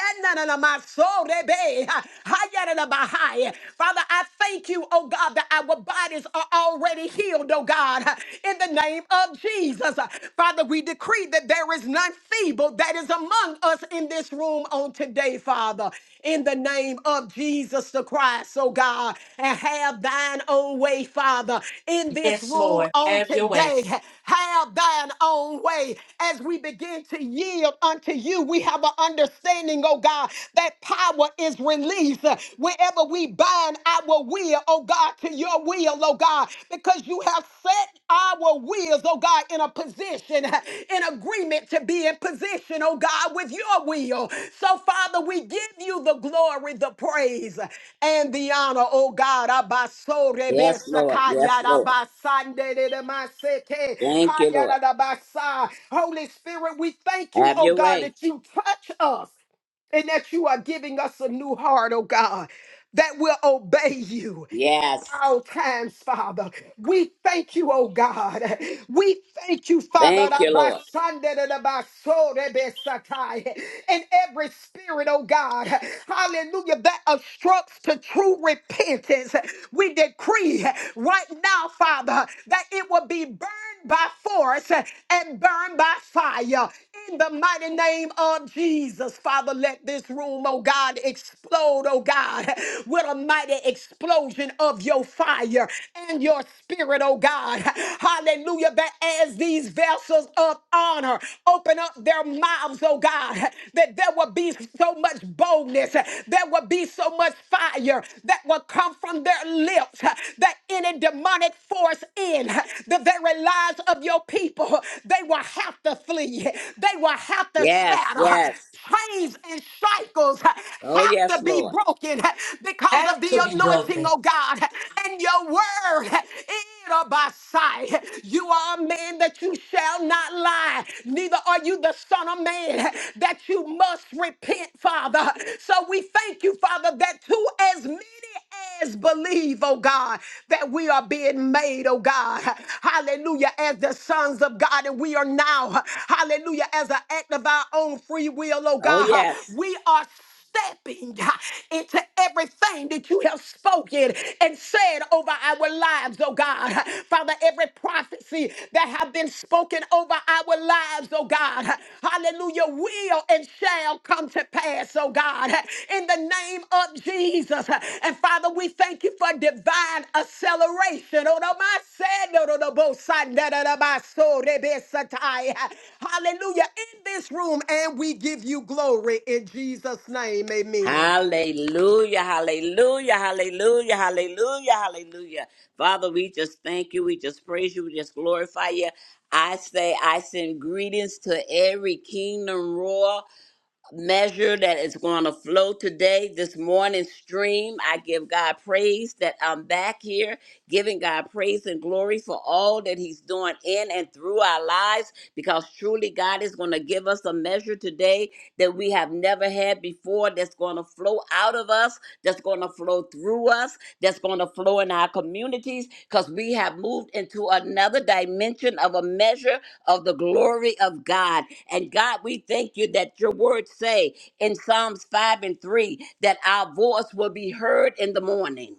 D: my soul, that Father, I thank you, oh God, that our bodies are already body healed, oh God, in the name of Jesus. Father, we decree that there is none feeble that is among us in this room on today, Father, in the name of Jesus the Christ, oh God, and have thine own way, Father, in this
B: Yes,
D: room
B: Lord.
D: on
B: Have your way.
D: today. Have thine own way as we begin to yield unto you. We have an understanding, oh God, that power is released wherever we we bind our will, oh God, to your will, oh God, because you have set our wills, oh God, in a position, in agreement to be in position, oh God, with your will. So, Father, we give you the glory, the praise, and the honor, oh God.
C: Yes, Lord. Yes, Lord. Thank you, Lord.
D: Holy Spirit, we thank you,
C: Have
D: oh
C: your
D: God,
C: way.
D: that you touch us and that you are giving us a new heart, oh God, that will obey you
C: Yes.
D: all times, Father. We thank you, oh God. We thank you, Father,
C: Thank
D: that
C: you,
D: by
C: Lord.
D: Sunday and by soul that be Satai. and every spirit, oh God, hallelujah, that obstructs to true repentance. We decree right now, Father, that it will be burned by force and burned by fire. In the mighty name of Jesus, Father, let this room, oh God, explode, oh God, with a mighty explosion explosion of your fire and your spirit, oh God. Hallelujah. That as these vessels of honor open up their mouths, oh God, that there will be so much boldness, there will be so much fire that will come from their lips, that any demonic force in the very lives of your people, they will have to flee, they will have to
C: Yes,
D: scatter
C: yes.
D: chains and shackles
C: Oh,
D: have
C: yes,
D: to be
C: Lord.
D: broken because of
B: Have
D: the
B: to be
D: anointing,
B: broken.
D: oh God, and your word in or by sight. You are a man that you shall not lie, neither are you the son of man that you must repent, Father. So we thank you, Father, that to as many as believe, oh God, that we are being made, oh God, hallelujah, as the sons of God, and we are now, hallelujah, as an act of our own free will, oh
C: Oh,
D: God,
C: yes.
D: we are stepping into everything that you have spoken and said over our lives, oh God. Father, every prophecy that have been spoken over our lives, oh God. Hallelujah, will and shall come to pass, oh God in the name of Jesus. And Father, we thank you for divine acceleration. Oh, no, my said, no, no, no, both side, da, da, da, my soul, they be satai. Hallelujah. In this room, and we give you glory in Jesus' name. Amen.
C: Hallelujah, hallelujah, hallelujah, hallelujah, hallelujah. Father, we just thank you. We just praise you. We just glorify you. I say, I send greetings to every kingdom royal measure that is going to flow today, this morning stream. I give God praise that I'm back here, giving God praise and glory for all that He's doing in and through our lives, because truly God is going to give us a measure today that we have never had before, that's going to flow out of us, that's going to flow through us, that's going to flow in our communities, because we have moved into another dimension of a measure of the glory of God. And God, we thank you that your words say in Psalms 5 and 3 that our voice will be heard in the morning.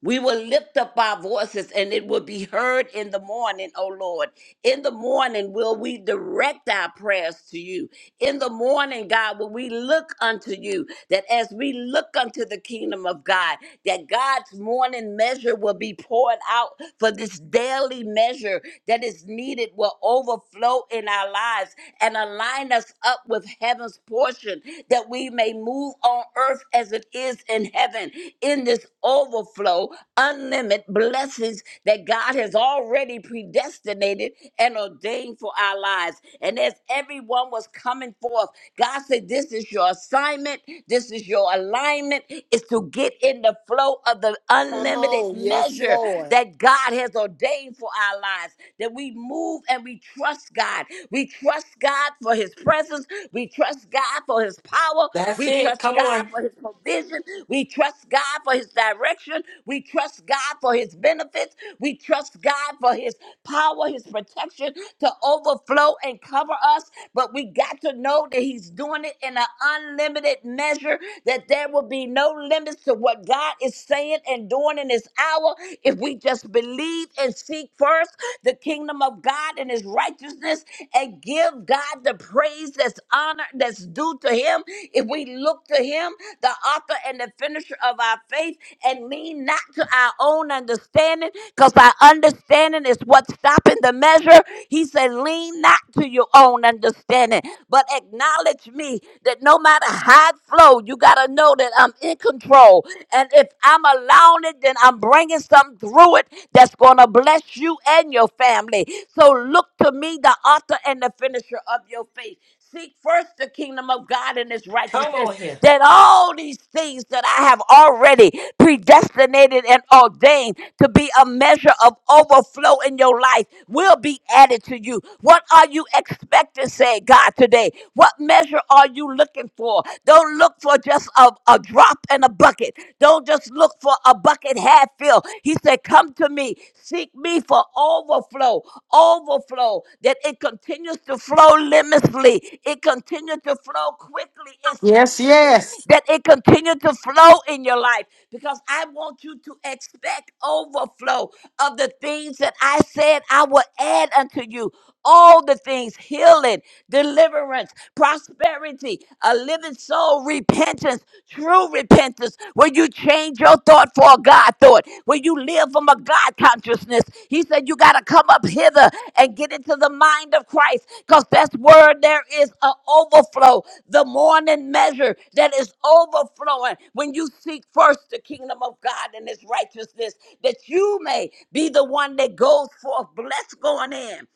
C: We will lift up our voices and it will be heard in the morning, O Lord. In the morning, will we direct our prayers to you? In the morning, God, will we look unto you that as we look unto the kingdom of God, that God's morning measure will be poured out for this daily measure that is needed will overflow in our lives and align us up with heaven's portion that we may move on earth as it is in heaven in this overflow, unlimited blessings that God has already predestinated and ordained for our lives. And as everyone was coming forth, God said, This is your assignment, this is your alignment, is to get in the flow of the
D: Come
C: unlimited
D: on. Yes,
C: measure
D: Lord.
C: that God has ordained ordained for our lives, that we move and we trust God. We trust God for his presence. We trust God for his power.
B: That's
C: We
B: it.
C: trust
B: Come
C: God
B: on.
C: for his provision. We trust God for his direction. We trust God for his benefits. We trust God for his power, his protection to overflow and cover us. But we got to know that he's doing it in an unlimited limited measure, that there will be no limits to what God is saying and doing in this hour if we just believe and seek first the kingdom of God and his righteousness and give God the praise that's honor that's due to him if we look to him the author and the finisher of our faith and lean not to our own understanding because our understanding understanding is what's stopping the measure. He said, Lean not to your own understanding, but acknowledge me that no matter how it flow, you got to know that I'm in control. And if I'm allowing it, then I'm bringing something through it that's going to bless you and your family. So look to me, the author and the finisher of your faith. Seek first the kingdom of God and his
B: Come
C: righteousness
B: on here.
C: that all these things that I have already predestinated and ordained to be a measure of overflow in your life will be added to you. What are you expecting, say God, today? What measure are you looking for? Don't look for just a, a drop in a bucket. Don't just look for a bucket half filled. He said, Come to me, seek me for overflow overflow, overflow, that it continues to flow limitlessly, it continues to flow quickly and
A: Yes,
C: speedily,
A: yes,
C: that it continues to flow in your life. Because I want you to expect overflow of the things that I said I will add unto you. All the things healing, deliverance, prosperity, a living soul, repentance, true repentance, where you change your thought for a God thought, where you live from a God consciousness. He said, You got to come up hither and get into the mind of Christ because that's where there is an overflow, the morning measure that is overflowing when you seek first the kingdom of God and his righteousness, that you may be the one that goes forth blessed going in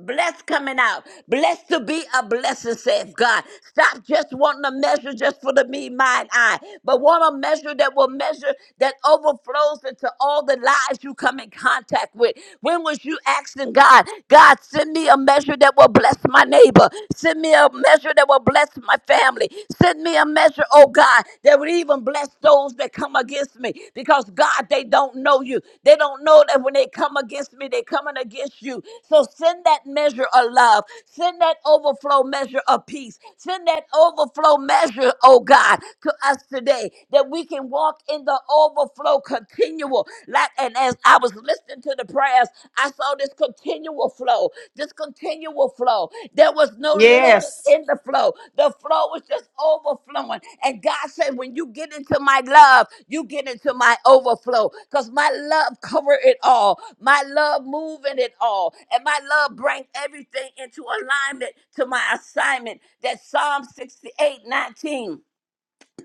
C: Blessed coming out. Blessed to be a blessing, says God. Stop just wanting a measure just for the me, mine, I, but want a measure that will measure that overflows into all the lives you come in contact with. When was you asking God, God, send me a measure that will bless my neighbor? Send me a measure that will bless my family. Send me a measure, oh God, that will would even bless those that come against me because God, they don't know you. They don't know that when they come against me, they're coming against you. So send that measure of love, send that overflow measure of peace, send that overflow measure, oh God, to us today that we can walk in the overflow continual. Like, and as I was listening to the prayers, I saw this continual flow, just continual flow. There was no limit
A: yes,
C: in the flow. The flow was just overflowing. And God said, when you get into my love, you get into my overflow because my love cover it all. My love moving it all. And my love bring everything into alignment to my assignment. That's Psalm 68 19.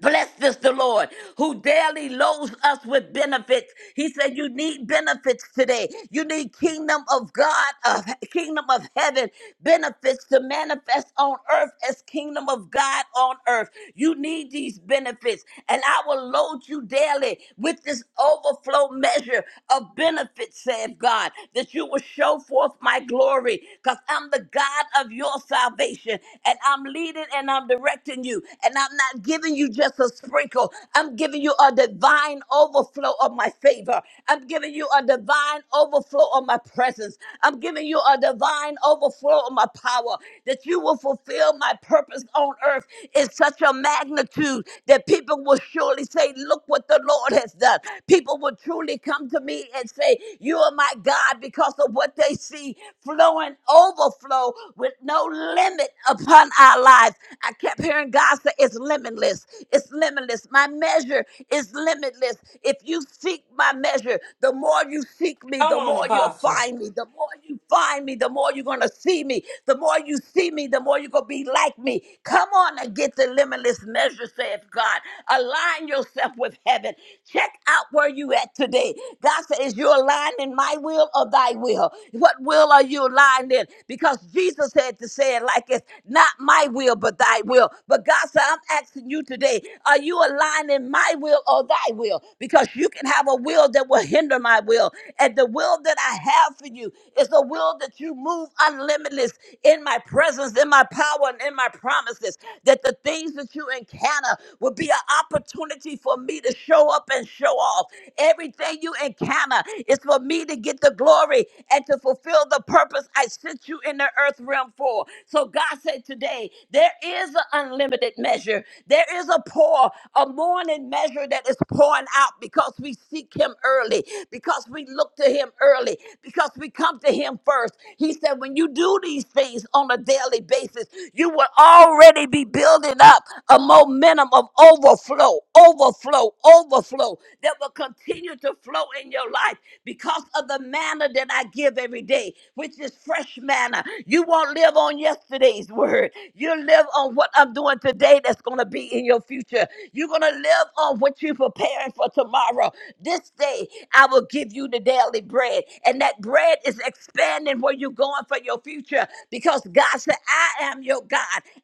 C: Blessed is the Lord who daily loads us with benefits. He said, You need benefits today. You need kingdom of God, of kingdom of heaven, benefits to manifest on earth as kingdom of God on earth. You need these benefits, and I will load you daily with this overflow measure of benefits, saith God, that you will show forth my glory, because I'm the God of your salvation, and I'm leading and I'm directing you, and I'm not not giving you just a sprinkle. I'm giving you a divine overflow of my favor. I'm giving you a divine overflow of my presence. I'm giving you a divine overflow of my power that you will fulfill my purpose on earth in such a magnitude that people will surely say, Look what the Lord has done. People will truly come to me and say, You are my God because of what they see flowing overflow with no limit upon our lives. I kept hearing God. God said it's limitless. It's limitless. My measure is limitless. If you seek my measure, the more you seek me,
B: Come
C: the
B: on,
C: more you'll
B: Apostle.
C: find me. The more you find me, the more you're going to see me. The more you see me, the more you're going to be like me. Come on and get the limitless measure, saith God. Align yourself with heaven. Check out where you at today. God said, is you aligned in my will or thy will? What will are you aligned in? Because Jesus had to say it like it's not my will, but thy thy will. But God said, I'm asking you today, are you aligning my will or thy will? Because you can have a will that will hinder my will. And the will that I have for you is the will that you move unlimited in my presence, in my power, and in my promises. That the things that you encounter will be an opportunity for me to show up and show off. Everything you encounter is for me to get the glory and to fulfill the purpose I sent you in the earth realm for. So God said today, today. There is an unlimited measure. There is a pour, a morning measure that is pouring out because we seek him early, because we look to him early, because we come to him first. He said, when you do these things on a daily basis, you will already be building up a momentum of overflow, overflow, overflow that will continue to flow in your life because of the manna that I give every day, which is fresh manna. You won't live on yesterday yesterday's word. You live on what I'm doing today that's going to be in your future. You're going to live on what you're preparing for tomorrow. This day, I will give you the daily bread. And that bread is expanding where you're going for your future because God said, I am your God.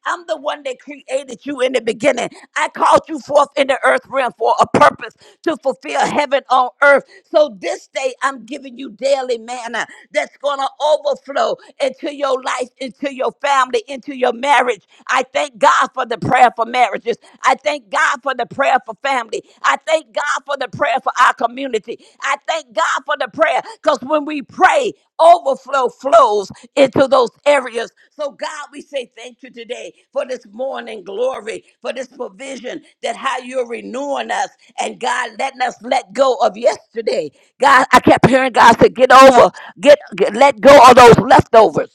C: I'm the one that created you in the beginning. I called you forth in the earth realm for a purpose to fulfill heaven on earth. So this day, I'm giving you daily manna that's going to overflow into your life into your family, into your marriage. I thank God for the prayer for marriages. I thank God for the prayer for family. I thank God for the prayer for our community. I thank God for the prayer because when we pray, overflow flows into those areas. So, God, we say thank you today for this morning glory, for this provision that how you're renewing us and God letting us let go of yesterday. God, I kept hearing God say, get over, get, get let go of those leftovers.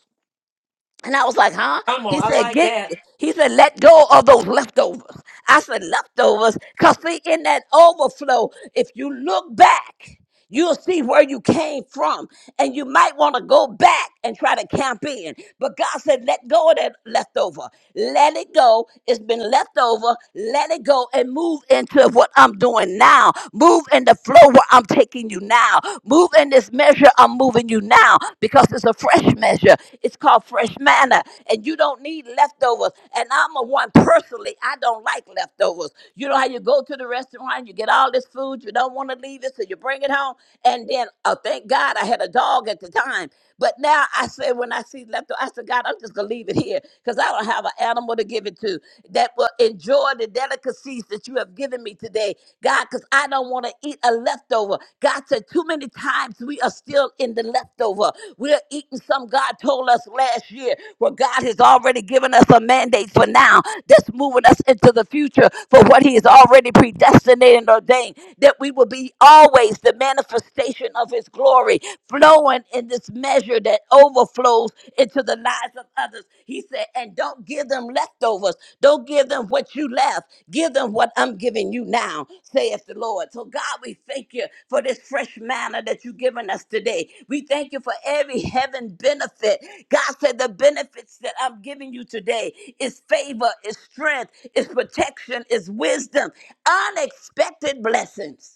C: And I was like, huh?
B: Come
C: He
B: on. I
C: said,
B: like
C: get,
B: that.
C: he said, let go of those leftovers. I said, leftovers? Because see, in that overflow, if you look back, you'll see where you came from. And you might want to go back and try to camp in. But God said, let go of that leftover. Let it go. It's been left over. Let it go and move into what I'm doing now. Move in the flow where I'm taking you you now. Move in this measure, I'm moving you now because it's a fresh measure. It's called fresh manna, and you don't need leftovers. And I'm a one personally, I don't like leftovers. You know how you go to the restaurant, you get all this food, you don't want to leave it, so you bring it home. And then, oh, thank God I had a dog at the time. But now I said, when I see left, I said, God, I'm just gonna leave it here because I don't have an animal to give it to that will enjoy the delicacies that you have given me today, God, because I don't want to eat a leftover. God said, too many times we are still in the leftover. We're eating some God told us last year where God has already given us a mandate for now that's moving us into the future for what He has already predestinated and ordained that we will be always the manifestation of of his glory flowing in this measure that overflows into the lives of others. He said, and don't give them leftovers. Don't give them what you left. Give them what I'm giving you now, saith the Lord. So, God, we thank you for this fresh manna that you've given us today. We thank you for every heaven benefit. God said, the benefits that I'm giving you today is favor, is strength, is protection, is wisdom, unexpected blessings.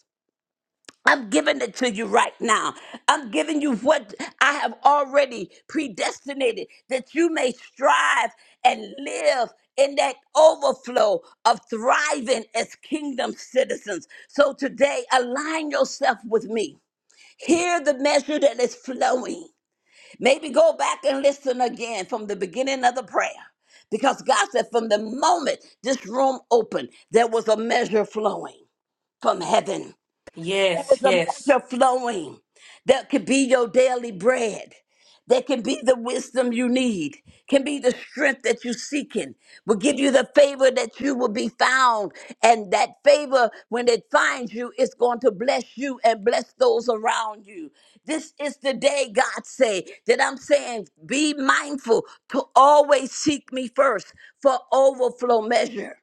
C: I'm giving it to you right now. I'm giving you what I have already predestinated that you may strive and live in that overflow of thriving as kingdom citizens. So today, align yourself with me. Hear the measure that is flowing. Maybe go back and listen again from the beginning of the prayer. Because God said, from the moment this room opened, there was a measure flowing from heaven. There
B: Yes,
C: is a
B: yes.
C: measure flowing that could be your daily bread. That can be the wisdom you need, can be the strength that you're seeking, will give you the favor that you will be found. And that favor, when it finds you, is going to bless you and bless those around you. This is the day, God say, that I'm saying, be mindful to always seek me first for overflow measure.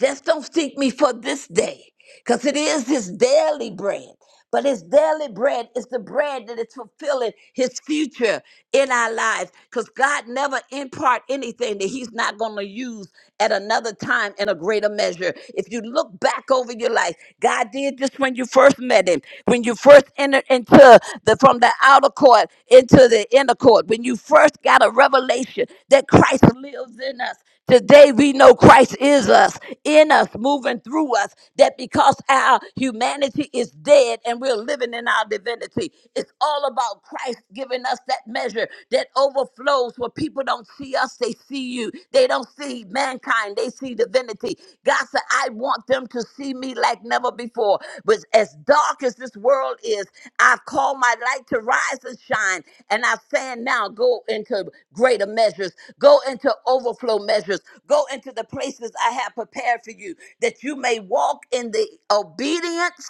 C: Just don't seek me for this day, because it is his daily bread. But his daily bread is the bread that is fulfilling his future in our lives. Because God never impart anything that he's not going to use at another time in a greater measure. If you look back over your life, God did this when you first met him, when you first entered into the from the outer court into the inner court, when you first got a revelation that Christ lives in us. Today we know Christ is us, in us, moving through us, that because our humanity is dead and we're living in our divinity, it's all about Christ giving us that measure that overflows where people don't see us, they see you. They don't see mankind, they see divinity. God said, I want them to see me like never before. But as dark as this world is, I've called my light to rise and shine. And I'm saying now, go into greater measures, go into overflow measures, go into the places I have prepared for you, that you may walk in the obedience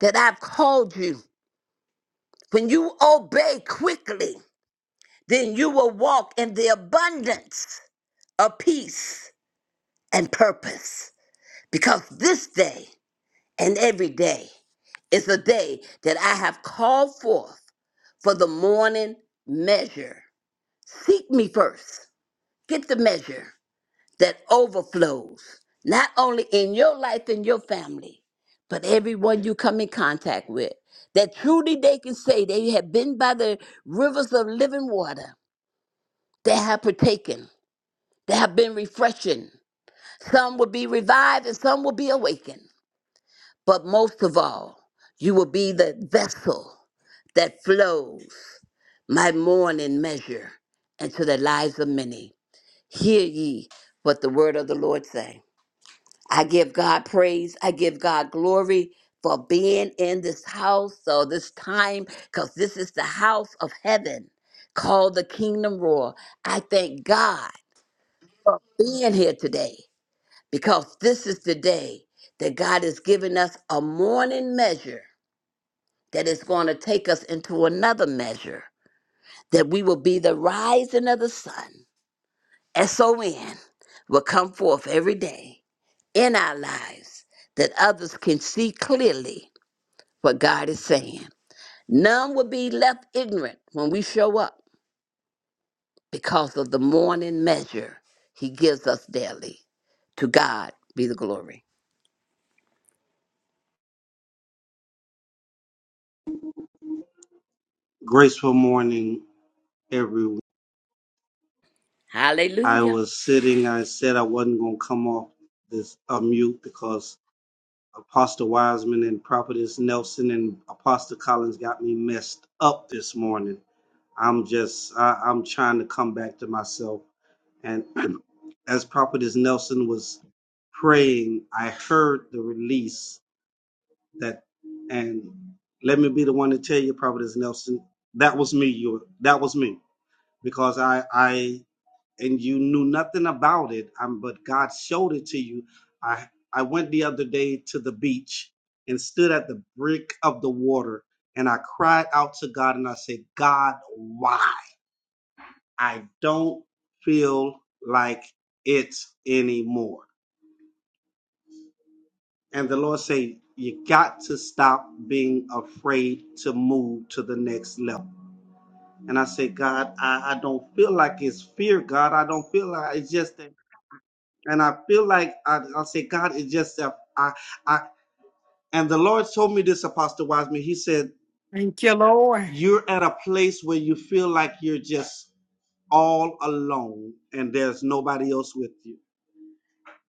C: that I've called you. When you obey quickly, then you will walk in the abundance of peace and purpose. Because this day and every day is a day that I have called forth for the morning measure. Seek me first. Get the measure that overflows, not only in your life and your family, but everyone you come in contact with. That truly they can say they have been by the rivers of living water. They have partaken. They have been refreshing. Some will be revived and some will be awakened. But most of all, you will be the vessel that flows my morning measure into the lives of many. Hear ye what the word of the Lord say. I give God praise. I give God glory for being in this house or this time, because this is the house of heaven called the kingdom royal. I thank God being here today because this is the day that God has given us a morning measure that is going to take us into another measure, that we will be the rising of the sun. S-O-N will come forth every day in our lives that others can see clearly what God is saying. None will be left ignorant when we show up because of the morning measure He gives us daily. To God be the glory.
E: Graceful morning, everyone. I
C: Hallelujah.
E: was sitting, I said I wasn't going to come off this uh, mute because Apostle Wiseman and Prophetess Nelson and Apostle Collins got me messed up this morning. I'm just, I, I'm trying to come back to myself. And as Prophetess Nelson was praying, I heard the release that, and let me be the one to tell you, Prophetess Nelson, that was me. You, that was me, because I, I and you knew nothing about it, um, but God showed it to you. I I went the other day to the beach and stood at the brink of the water and I cried out to God and I said, God, why? I don't feel like it anymore. And the Lord said, You got to stop being afraid to move to the next level. And I said, God, I, I don't feel like it's fear, God. I don't feel like it's just that and I feel like I, I'll say, God, it's just that I, I, and the Lord told me this, Apostle Wiseman. He said, You're at a place where you feel like you're just all alone and there's nobody else with you.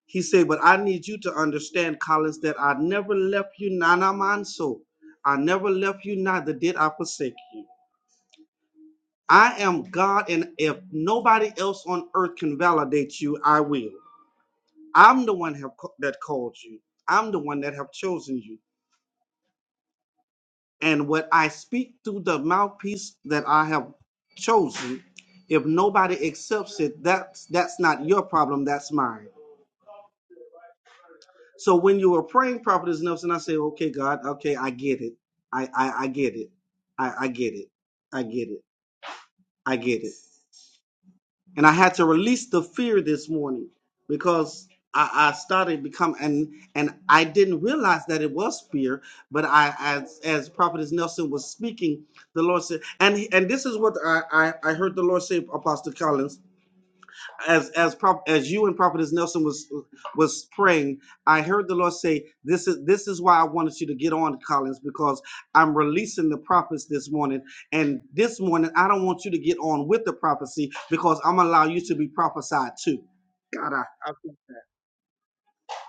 E: He said, But I need you to understand, Collins, that I never left you, Nana Manso. I never left you, neither did I forsake you. I am God, and if nobody else on earth can validate you, I will. I'm the one have, co- that called you. I'm the one that have chosen you. and what I speak through the mouthpiece that I have chosen, if nobody accepts it, that's that's not your problem, that's mine. So when you were praying prophetess Nelson, I say, Okay, God, okay, I get it. I I, I get it. I, I get it. I get it. I get it. and I had to release the fear this morning because I, I started become and and I didn't realize that it was fear, but I as as Prophetess Nelson was speaking, the Lord said, and and this is what I I, I heard the Lord say, Apostle Collins as as prop, as you and prophetess Nelson was was praying, I heard the Lord say, "This is this is why I wanted you to get on, Collins, because I'm releasing the prophets this morning, and this morning I don't want you to get on with the prophecy because I'm gonna allow you to be prophesied too." God, I, I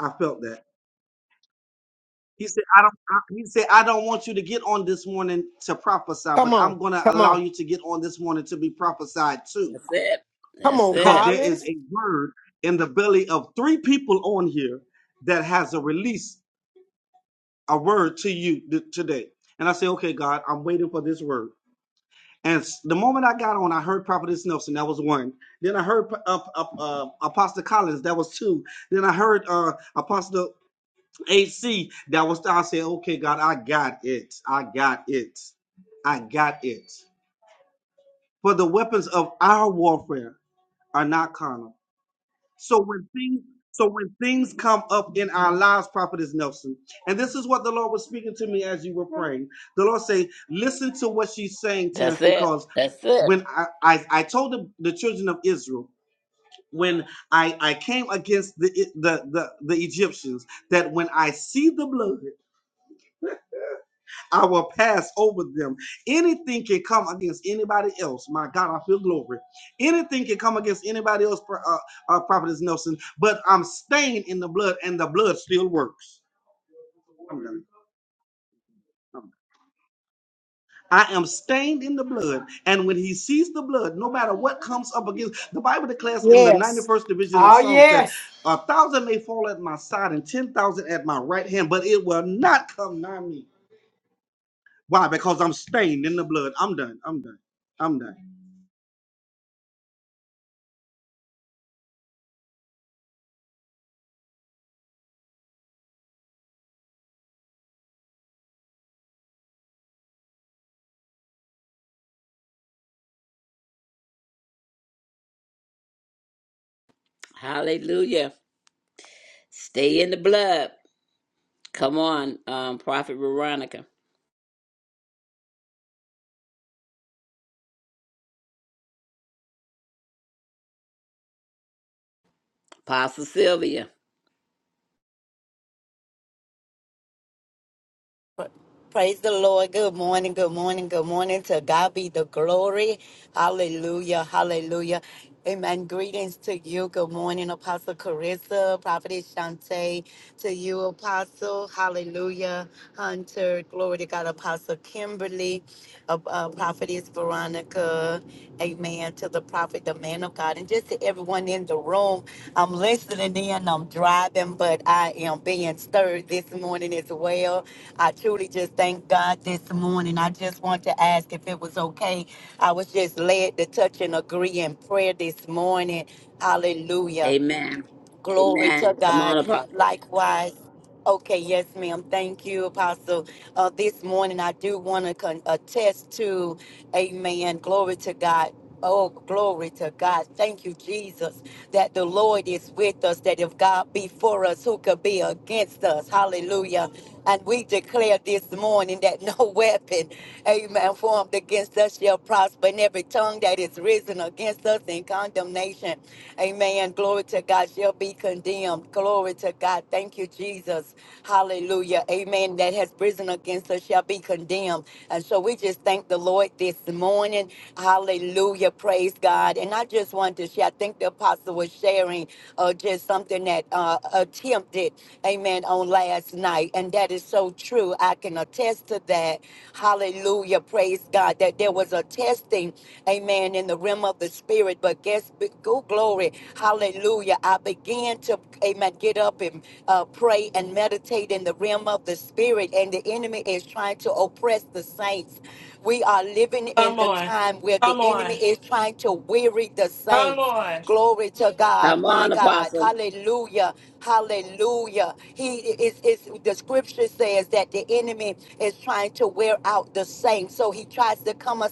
E: I felt that. He said, I don't I, he said, I don't want you to get on this morning to prophesy, but
D: Come on.
E: I'm gonna
D: Come
E: allow
D: on.
E: you to get on this morning to be prophesied too.
C: That's it.
D: Come
C: That's
D: on,
E: because
C: it.
E: there is
D: Collins.
E: a word in the belly of three people on here that has a release, a word to you th- today. And I say, okay, God, I'm waiting for this word. And s- the moment I got on, I heard Prophetess Nelson. That was one. Then I heard uh, uh, uh, Apostle Collins. That was two. Then I heard uh, Apostle AC. That was. I said, okay, God, I got it. I got it. I got it. For the weapons of our warfare are not carnal So when things so when things come up in our lives, Prophetess Nelson, and this is what the Lord was speaking to me as you were praying. The Lord say, listen to what she's saying, Terrence,
C: That's it.
E: because
C: That's it.
E: when I I, I told the, the children of Israel when I I came against the, the the the Egyptians that when I see the blood. I will pass over them. Anything can come against anybody else. My God, I feel glory. Anything can come against anybody else, uh, uh, Prophetess Nelson, but I'm stained in the blood and the blood still works. I'm done. I'm done. I am stained in the blood, and when he sees the blood, no matter what comes up against, the Bible declares in the
A: yes.
E: 91st division of
A: Oh,
E: Psalms that
A: yes,
E: a thousand may fall at my side and 10,000 at my right hand, but it will not come nigh me. Why? Because I'm stained in the blood. I'm done. I'm done. I'm done.
C: Hallelujah. Stay in the blood. Come on, um, Prophet Veronica, Apostle Sylvia.
F: Praise the Lord. Good morning. Good morning. Good morning. To God be the glory. Hallelujah. Hallelujah. Amen. Greetings to you. Good morning, Apostle Carissa, Prophetess Shante. To you, Apostle. Hallelujah. Hunter. Glory to God, Apostle Kimberly, uh, uh, Prophetess Veronica. Amen. To the prophet, the man of God, and just to everyone in the room. I'm listening in. I'm driving, but I am being stirred this morning as well. I truly just thank God this morning. I just want to ask if it was okay. I was just led to touch and agree in prayer this morning. Hallelujah.
C: Amen.
F: Glory to
C: Amen. Come on,
F: God.
C: Apostle.
F: Likewise. Okay, yes, ma'am. Thank you, Apostle. Uh, this morning, I do want to con- attest to, amen. Glory to God. Oh, glory to God. Thank you, Jesus, that the Lord is with us, that if God be for us, who could be against us? Hallelujah. And we declare this morning that no weapon Amen. Formed against us shall prosper, and every tongue that is risen against us in condemnation. Amen. Glory to God shall be condemned. Glory to God. Thank you, Jesus. Hallelujah. Amen. That has risen against us shall be condemned. And so we just thank the Lord this morning. Hallelujah. Praise God. And I just wanted to share, I think the apostle was sharing uh, just something something that uh, attempted, amen, on last night. And that is so true. I can attest to that. Hallelujah. Praise God. That there was a testing, amen, in the realm of the spirit. But guess, go glory. Hallelujah. I began to, amen, get up and uh, pray and meditate in the realm of the spirit. And the enemy is trying to oppress the saints. We are living in
B: Come
F: the
B: on.
F: time where the
B: Come
F: enemy
B: on.
F: is trying to weary the
B: Come
F: saints.
B: on.
F: Glory to God,
C: Come
F: my
C: on,
F: God.
C: Apostle.
F: Hallelujah. Hallelujah. He is, is the scripture says that the enemy is trying to wear out the saints. So he tries to come us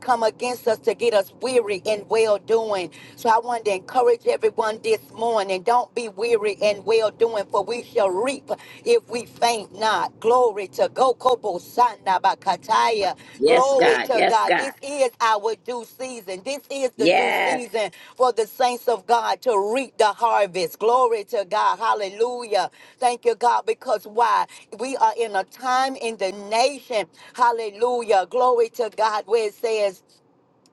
F: come against us to get us weary in well doing. So I wanted to encourage everyone this morning. Don't be weary in well doing, for we shall reap if we faint not. Glory to Gokobo Sanda Bakataya.
C: Yes,
F: Glory
C: God.
F: to
C: Yes,
F: God.
C: God.
F: This is our due season. This is the due
C: Yes.
F: season for the saints of God to reap the harvest. Glory to God. Hallelujah. Thank you, God, because why? We are in a time in the nation. Hallelujah. Glory to God where it says,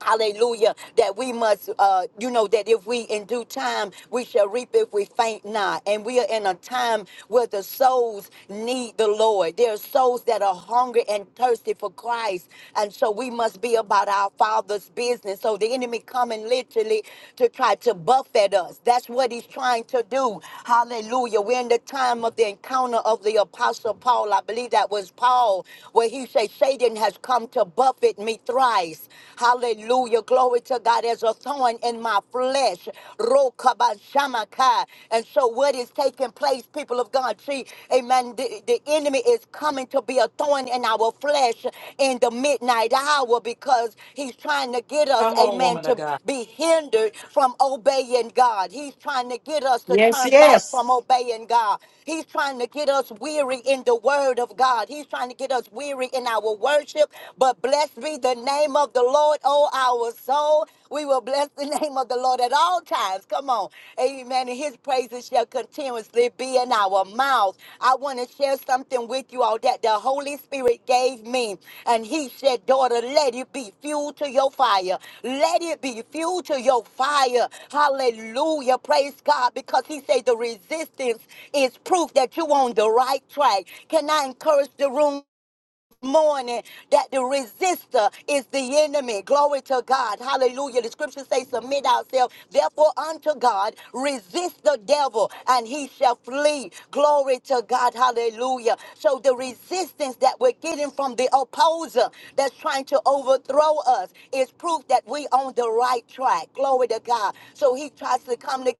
F: Hallelujah. That we must, uh, you know, that if we in due time, we shall reap if we faint not. And we are in a time where the souls need the Lord. There are souls that are hungry and thirsty for Christ. And so we must be about our Father's business. So the enemy coming literally to try to buffet us. That's what he's trying to do. Hallelujah. We're in the time of the encounter of the Apostle Paul. I believe that was Paul, where he said, Satan has come to buffet me me thrice. Hallelujah. Glory to God as a thorn in my flesh. Rokabashamaka. And so what is taking place, people of God? See, amen. The, the enemy is coming to be a thorn in our flesh in the midnight hour because he's trying to get us,
B: Come on,
F: amen,
B: woman of
F: to
B: God.
F: be hindered from obeying God. He's trying to get us to
A: yes,
F: turn back
A: yes,
F: from obeying God. He's trying to get us weary in the word of God. He's trying to get us weary in our worship worship. But blessed be the name of the Lord, oh our soul. We will bless the name of the Lord at all times. Come on. Amen. And his praises shall continuously be in our mouths. I want to share something with you all that the Holy Spirit gave me. And he said, Daughter, let it be fuel to your fire. Let it be fuel to your fire. Hallelujah. Praise God. Because he said the resistance is proof that you're on the right track. Can I encourage the room? morning that the resistor is the enemy. Glory to God. Hallelujah. The scriptures say, Submit ourselves, therefore, unto God, resist the devil, and he shall flee. Glory to God. Hallelujah. So, the resistance that we're getting from the opposer that's trying to overthrow us is proof that we on the right track. Glory to God. So, he tries to come to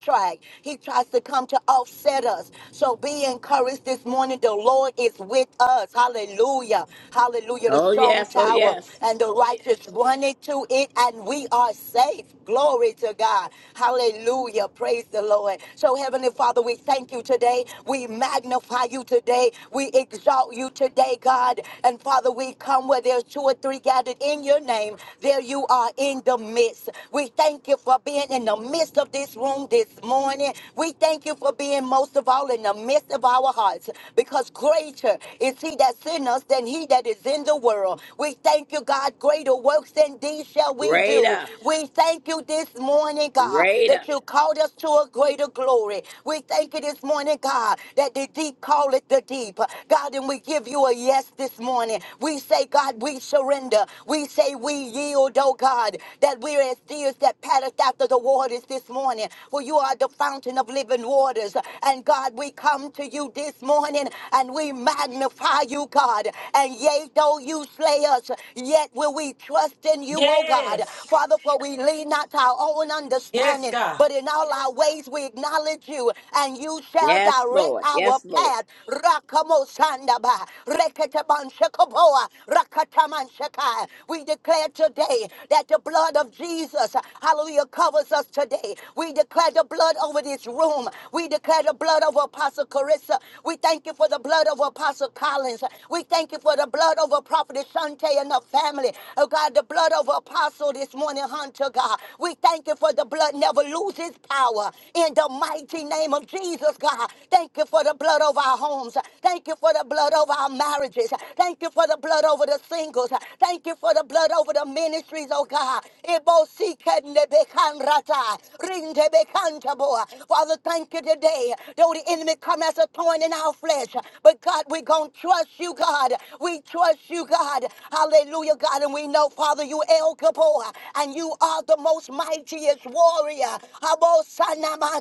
F: track. He tries to come to offset us. So be encouraged this morning. The Lord is with us. Hallelujah. Hallelujah. The
C: Oh,
F: strong
C: yes. Oh,
F: tower
C: yes.
F: and the righteous run into it and we are safe. Glory to God. Hallelujah. Praise the Lord. So Heavenly Father, we thank you today. We magnify you today. We exalt you today, God. And Father, we come where there's two or three gathered in your name. There you are in the midst. We thank you for being in God, in the midst of this room this morning. We thank you for being most of all in the midst of our hearts because greater is he that's in us than he that is in the world. We thank you, God. Greater works than these shall we do.
C: Greater.
F: We thank you this morning, God,
C: Greater.
F: that you called us to a greater glory. We thank you this morning, God, that the deep call it the deep. God, and we give you a yes this morning. We say, God, we surrender. We say we yield, oh God, that we're as deers that patteth after the waters this morning. For you are the fountain of living waters. And God, we come to you this morning and we magnify you, God. And yea, though you slay us, yet will we trust in you, O God.
B: Yes.
F: Father, for we lean not to our own
B: Yes,
F: understanding,
B: God.
F: but in all our ways we acknowledge you, and you shall
C: Yes,
F: direct
C: Lord.
F: our
C: Yes, Lord.
F: path. Rakamosandaba, reketabanshakaboa, rakatamanshaka. We declare today today that the blood of Jesus, hallelujah, covers us today. We declare the blood over this room. We declare the blood over Apostle Carissa. We thank you for the blood of Apostle Collins. We thank you for the blood over Prophet Shante and the family. Oh God, the blood of Apostle this morning, Hunter God. We thank you for the blood never loses power. In the mighty name of Jesus, God. Thank you for the blood over our homes. Thank you for the blood over our marriages. Thank you for the blood over the singles thank you for the blood over the ministries, oh God. ebo si kende de be kan rata rin de be kan ta Father, thank you today. Though the enemy come as a thorn in our flesh, but God, we're going to trust you, God. We trust you, God. Hallelujah, God. And we know, Father, you El Gabor, and you are the most mightiest warrior. abo sana ma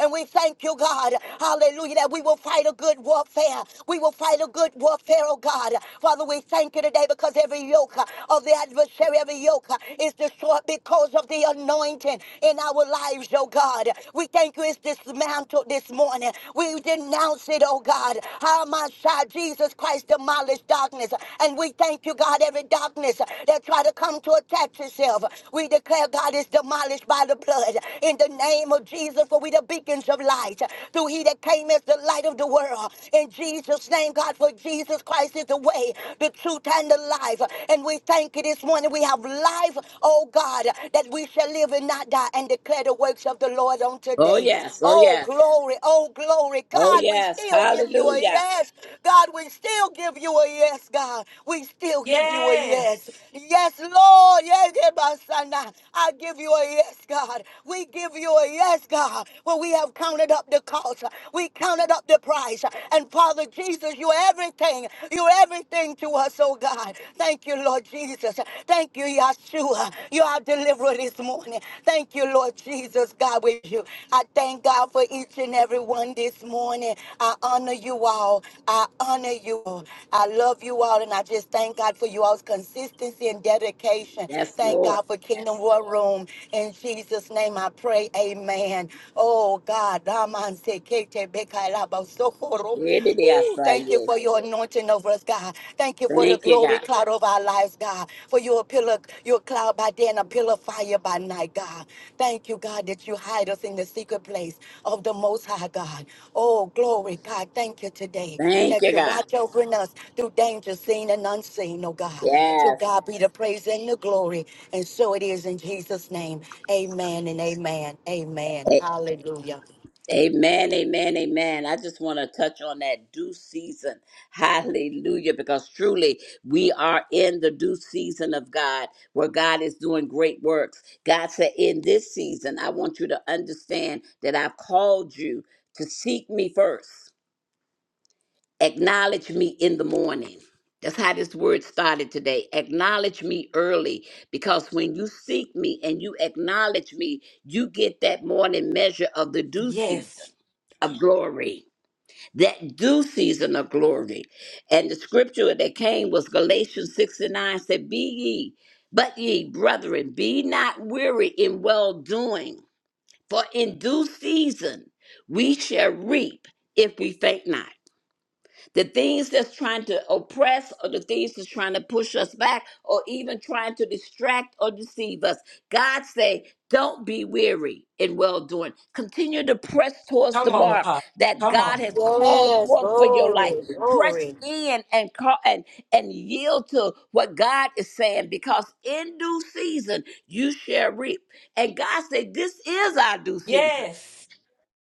F: And we thank you, God. Hallelujah, that we will fight a good warfare. We will fight a good warfare, oh God. Father, we thank you today because every yoke uh, of the adversary, every yoke uh, is destroyed because of the anointing in our lives, oh God. We thank you it's dismantled this morning. We denounce it, oh God. How my side, Jesus Christ demolished darkness. And we thank you, God, every darkness that try to come to attack yourself. We declare God is demolished by the blood. In the name of Jesus, for we the beacons of light. Through he that came as the light of the world. In Jesus' name, God, for. Lord Jesus Christ is the way, the truth, and the life. And we thank you this morning. We have life, oh God, that we shall live and not die and declare the works of the Lord on
C: Oh,
F: today.
C: yes. Oh,
F: Oh,
C: yes.
F: glory, oh, glory.
C: Oh,
F: God, we
C: yes.
F: still give you a
C: Hallelujah.
F: yes. God, we still give you a yes, God. We still give you a yes.
B: Yes.
F: Yes, Lord. Yes, yes, my son. I I give you a yes, God. We give you a yes, God. When we have counted up the cost, we counted up the price, and Father Jesus, you're everything. You're everything to us, oh God. Thank you, Lord Jesus. Thank you, Yeshua. You are deliverer this morning. Thank you, Lord Jesus, God, with you. I thank God for each and every one this morning. I honor you all. I honor you. all. I love you all, and I just thank God for you all's consistency and dedication.
C: Yes,
F: Thank
C: Lord.
F: God for Kingdom War Room. In Jesus' name I pray, amen. Oh, God. Raman Ooh,
C: Thank
F: thank you for your anointing over us, God. Thank you for the
C: you,
F: glory
C: God.
F: cloud over our lives, God. For your pillar, your cloud by day and a pillar of fire by night, God. Thank you, God, that you hide us in the secret place of the Most High, God. Oh, glory, God. Thank you today
C: Thank
F: that
C: you,
F: you
C: God.
F: watch over us through danger seen and unseen, oh God. To
C: Yes.
F: God be the praise and the glory. And so it is in Jesus' name. Amen and amen. Amen. Hallelujah.
C: Amen, amen, amen. I just want to touch on that due season. Hallelujah. Because truly, we are in the due season of God where God is doing great works. God said, In this season, I want you to understand that I've called you to seek me first acknowledge me in the morning. That's how this word started today. Acknowledge me early because when you seek me and you acknowledge me, you get that morning measure of the due season
B: Yes.
C: of glory. That due season of glory. And the scripture that came was Galatians 6 and 9 said, Be ye, but ye, brethren, be not weary in well doing, for in due season we shall reap if we faint not the things that's trying to oppress or the things that's trying to push us back or even trying to distract or deceive us god say don't be weary in well doing continue to press towards
B: Come
C: the
B: on,
C: mark
B: Apostle.
C: that
B: Come
C: god
B: on.
C: has called
F: Yes,
C: forth for your life
F: glory,
C: press
F: glory.
C: in and call and and yield to what god is saying because in due season you shall reap and god said this is our due season
B: Yes.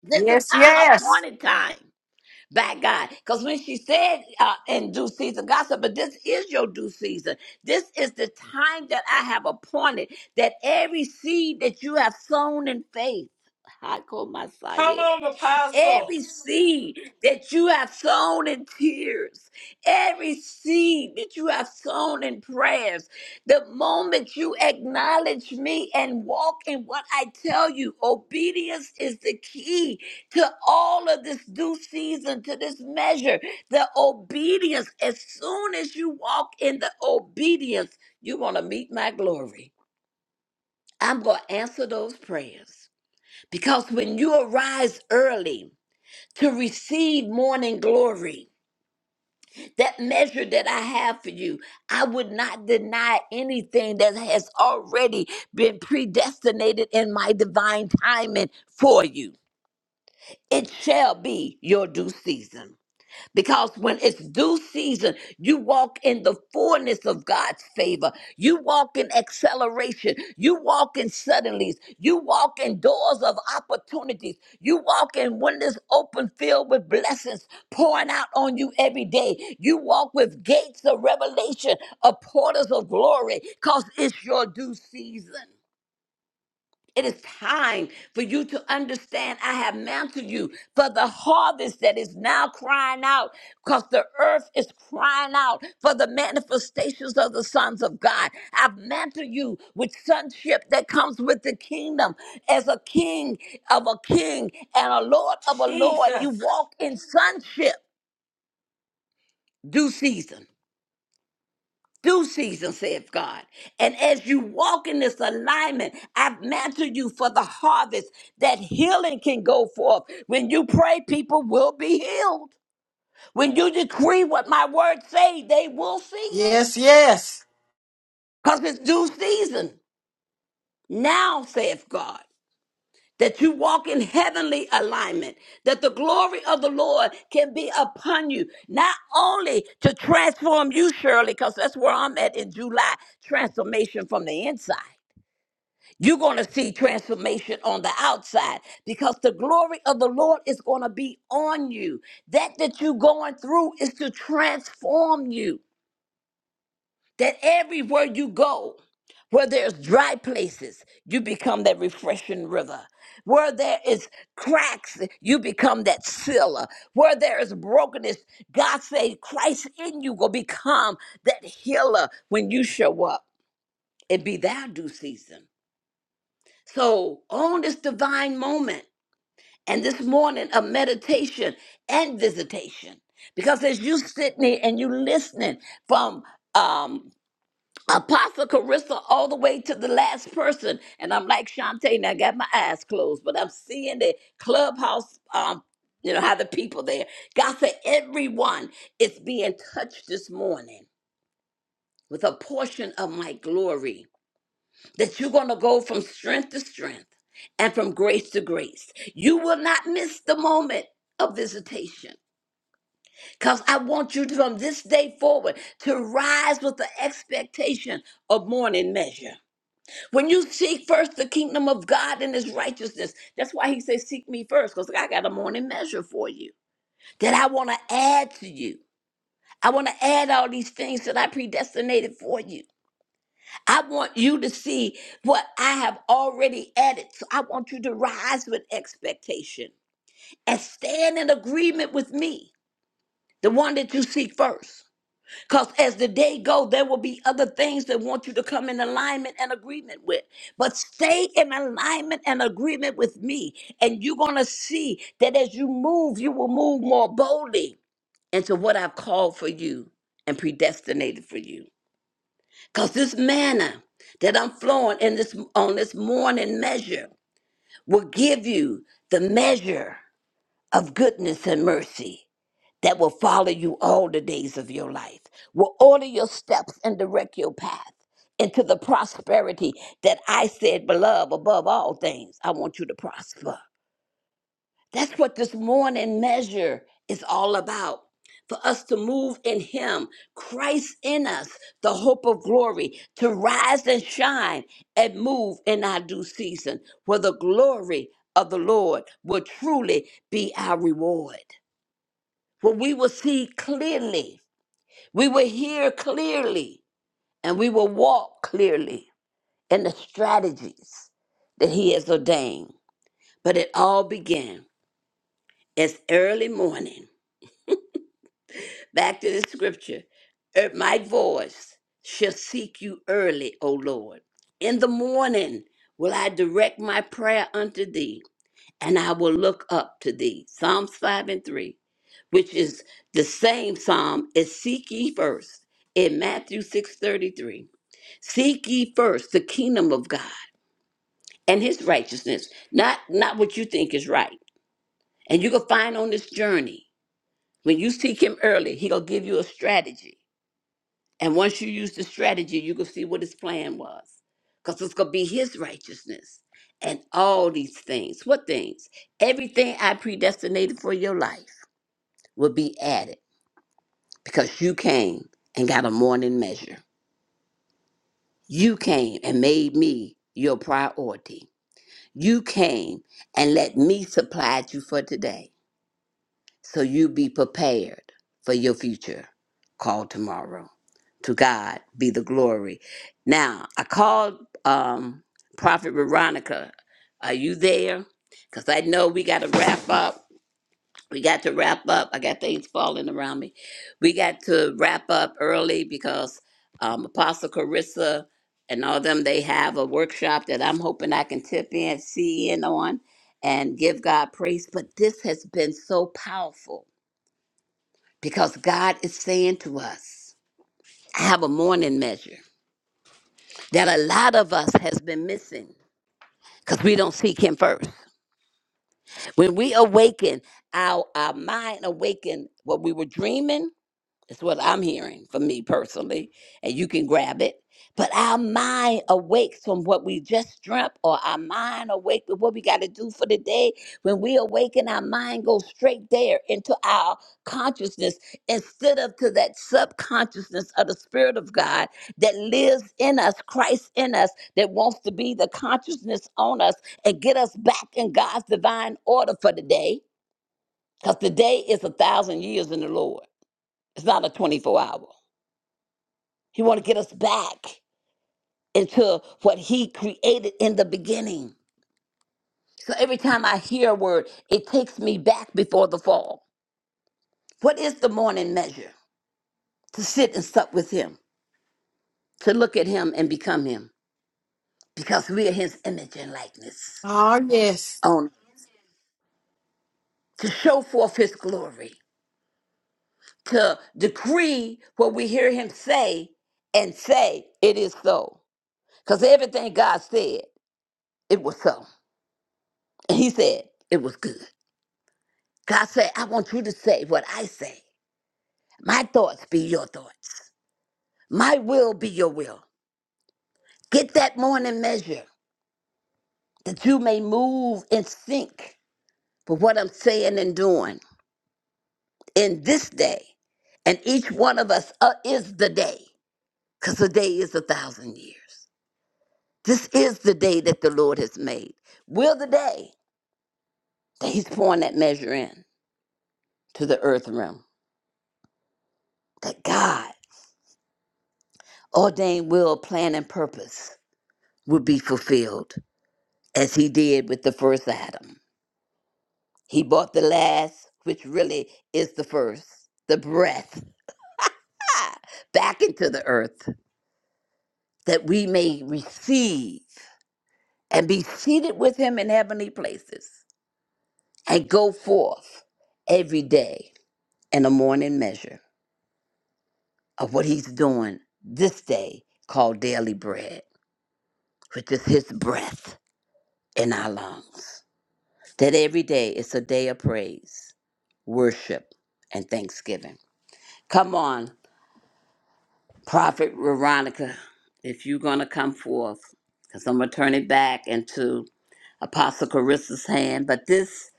C: this is
A: yes,
C: our
A: yes,
C: appointed time by God. Because when she said uh, in due season, God said, but this is your due season. This is the time that I have appointed that every seed that you have sown in faith, Hako
B: Come
C: Messiah.
B: on, Apostle.
C: Every seed that you have sown in tears, every seed that you have sown in prayers, the moment you acknowledge me and walk in what I tell you, obedience is the key to all of this due season, to this measure. The obedience, as soon as you walk in the obedience, you're going to meet my glory. I'm going to answer those prayers because when you arise early, to receive morning glory. That measure that I have for you, I would not deny anything that has already been predestinated in my divine timing for you. It shall be your due season because when it's due season, you walk in the fullness of God's favor. You walk in acceleration. You walk in suddenlies. You walk in doors of opportunities. You walk in windows open, filled with blessings pouring out on you every day. You walk with gates of revelation, of portals of glory, because it's your due season. It is time for you to understand I have mounted you for the harvest that is now crying out because the earth is crying out for the manifestations of the sons of God. I've mantled you with sonship that comes with the kingdom. As a king of a king and a lord of a lord, you
B: Jesus.
C: walk in sonship due season. due season, saith God. And as you walk in this alignment, I've mantled you for the harvest that healing can go forth. When you pray, people will be healed. When you decree what my words say, they will see it.
A: yes, yes.
C: Because it's due season. Now, saith God, that you walk in heavenly alignment, that the glory of the Lord can be upon you, not only to transform you, Shirley, because that's where I'm at in July transformation from the inside You're going to see transformation on the outside because the glory of the Lord is going to be on you. That that you're going through is to transform you. That everywhere you go, where there's dry places, you become that refreshing river. Where there is cracks, you become that sealer. Where there is brokenness, God say Christ in you will become that healer when you show up. It be thou due season. So own this divine moment and this morning of meditation and visitation. Because as you sitting there and you listening from um Apostle Carissa all the way to the last person, and I'm like Shantae, and I got my eyes closed, but I'm seeing the clubhouse um you know how the people there. God said everyone is being touched this morning with a portion of my glory that you're going to go from strength to strength and from grace to grace. You will not miss the moment of visitation because I want you to, from this day forward to rise with the expectation of morning measure. When you seek first the kingdom of God and his righteousness, that's why he says, Seek me first because I got a morning measure for you that I want to add to you. I want to add all these things that I predestinated for you. I want you to see what I have already added. So I want you to rise with expectation and stand in agreement with me, the one that you seek first. Because as the day goes, there will be other things that want you to come in alignment and agreement with. But stay in alignment and agreement with me. And you're going to see that as you move, you will move more boldly into what I've called for you and predestinated for you. Because this manna that I'm flowing in this on this morning measure will give you the measure of goodness and mercy that will follow you all the days of your life, will order your steps and direct your path into the prosperity that I said, beloved, above all things, I want you to prosper. That's what this morning measure is all about. For us to move in Him, Christ in us, the hope of glory, to rise and shine and move in our due season, where the glory of the Lord will truly be our reward. Where we will see clearly, we will hear clearly, and we will walk clearly in the strategies that He has ordained. But it all began as early morning Back to the scripture. "Er, My voice shall seek you early, O Lord. In the morning will I direct my prayer unto thee, and I will look up to thee. Psalms 5 and 3, which is the same psalm as seek ye first in Matthew 6 33? Seek ye first the kingdom of God and his righteousness, not, not what you think is right. And you can find on this journey, when you seek him early, he'll give you a strategy And once you use the strategy, you can see what his plan was. Because it's going to be his righteousness and all these things. What things? Everything I predestinated for your life will be added because you came and got a morning measure. You came and made me your priority. You came and let me supply you for today. So you be prepared for your future call tomorrow. To God be the glory. Now, I called um, Prophet Veronica. Are you there? Because I know we got to wrap up. We got to wrap up. I got things falling around me. We got to wrap up early because um, Apostle Carissa and all them, they have a workshop that I'm hoping I can tip in, see in on, and give God praise. But this has been so powerful because God is saying to us, I have a morning measure that a lot of us has been missing because we don't seek Him first. When we awaken, our, our mind awaken what we were dreaming, That's what I'm hearing for me personally. And you can grab it. But our mind awakes from what we just dreamt, or our mind awake with what we got to do for the day. When we awaken, our mind goes straight there into our consciousness instead of to that subconsciousness of the Spirit of God that lives in us, Christ in us, that wants to be the consciousness on us and get us back in God's divine order for the day. Because the day is a thousand years in the Lord, it's not a 24 hour. He want to get us back into what he created in the beginning. So every time I hear a word, it takes me back before the fall. What is the morning measure? To sit and sup with him, to look at him and become him, because we are his image and likeness.
A: Oh, yes.
C: On to show forth his glory, to decree what we hear him say and say it is so. Because everything God said, it was so. And he said it was good. God said, I want you to say what I say. My thoughts be your thoughts. My will be your will. Get that morning measure that you may move in sync with what I'm saying and doing in this day. And each one of us uh, is the day, because the day is a thousand years. This is the day that the Lord has made. We're the day that He's pouring that measure in to the earth realm, that God ordained will, plan, and purpose will be fulfilled as he did with the first Adam. He brought the last, which really is the first, the breath, back into the earth that we may receive and be seated with him in heavenly places and go forth every day in a morning measure of what he's doing this day called daily bread, which is his breath in our lungs. That every day is a day of praise, worship, and thanksgiving. Come on, Prophet Veronica, if you're going to come forth, because I'm going to turn it back into Apostle Carissa's hand. But this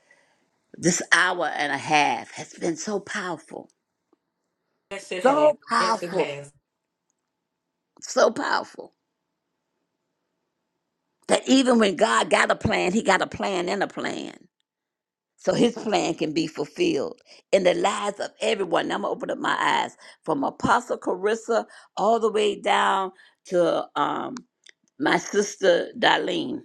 C: this hour and a half has been so powerful,
B: Yes, it has.
C: so
B: Yes, it
C: powerful,
B: has.
C: so powerful that even when God got a plan, He got a plan and a plan, so His plan can be fulfilled in the lives of everyone. Now I'm gonna open up my eyes from Apostle Carissa all the way down to um, my sister Darlene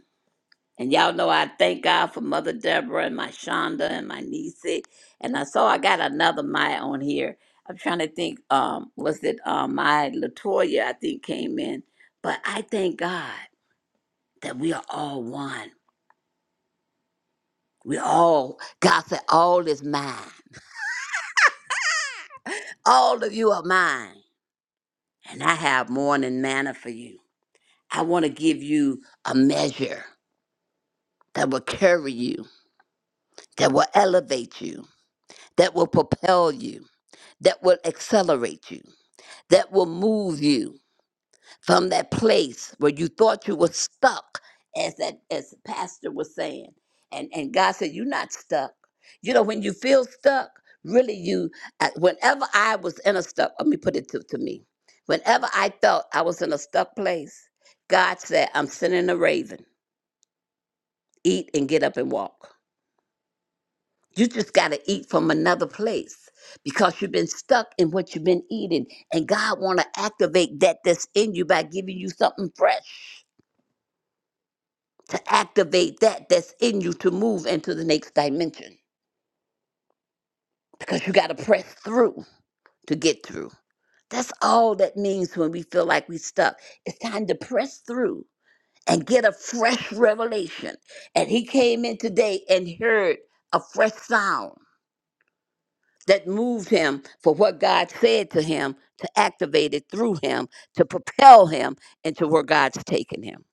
C: And y'all know I thank God for Mother Deborah and my Shonda and my niece. And I saw I got another Maya on here. I'm trying to think, um, was it um my Latoya I think came in. But I thank God that we are all one. We all God said all is mine. All of you are mine. And I have more than manna for you. I want to give you a measure that will carry you, that will elevate you, that will propel you, that will accelerate you. that will move you from that place where you thought you were stuck, as that as the pastor was saying. And and God said, You're not stuck. You know, when you feel stuck, really you uh, whenever I was in a stuck, let me put it to, to me. Whenever I felt I was in a stuck place, God said, I'm sending a raven, eat and get up and walk. You just got to eat from another place because you've been stuck in what you've been eating and God want to activate that that's in you by giving you something fresh to activate that that's in you to move into the next dimension because you got to press through to get through. That's all that means when we feel like we stuck. It's time to press through and get a fresh revelation. And he came in today and heard a fresh sound that moved him for what God said to him to activate it through him to propel him into where God's taken him.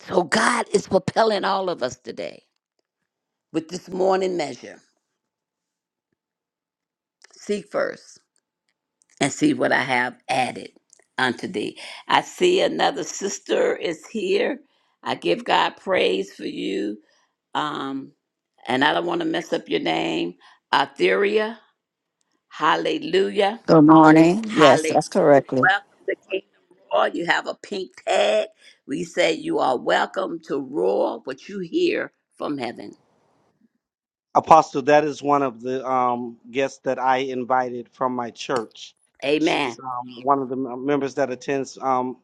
C: So God is propelling all of us today with this morning measure. Seek first and see what I have added unto thee. I see another sister is here. I give God praise for you. Um, and I don't want to mess up your name. Atheria, hallelujah.
G: Good morning. Yes, that's correctly.
C: Welcome to Kingdom Roar. You have a pink tag. We say you are welcome to roar what you hear from heaven.
E: Apostle, that is one of the um, guests that I invited from my church. She's
C: Amen.
E: um, one of the m- members that attends um,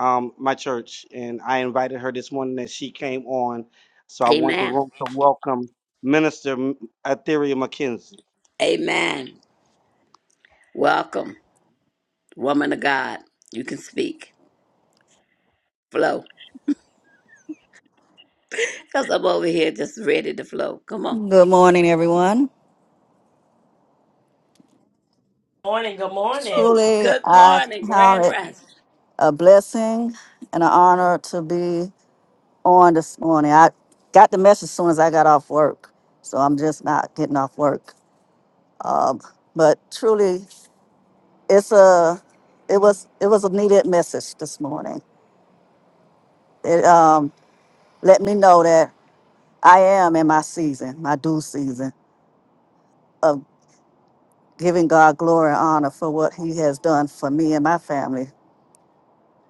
E: um, my church, and I invited her this morning, and she came on. So I want the
C: Amen.
E: room to welcome Minister M- Etheria McKenzie.
C: Amen. Welcome, woman of God. You can speak. Flow. Because I'm over here just ready to flow. Come on.
G: Good morning, everyone.
B: Morning. Good morning.
G: Truly,
C: Good
G: I
C: morning,
G: count
C: Grand
G: it
C: Rest.
G: a blessing and an honor to be on this morning. I got the message as soon as I got off work, so I'm just not getting off work. Um, but truly, it's a it was it was a needed message this morning. It um, let me know that I am in my season, my due season of giving God glory and honor for what He has done for me and my family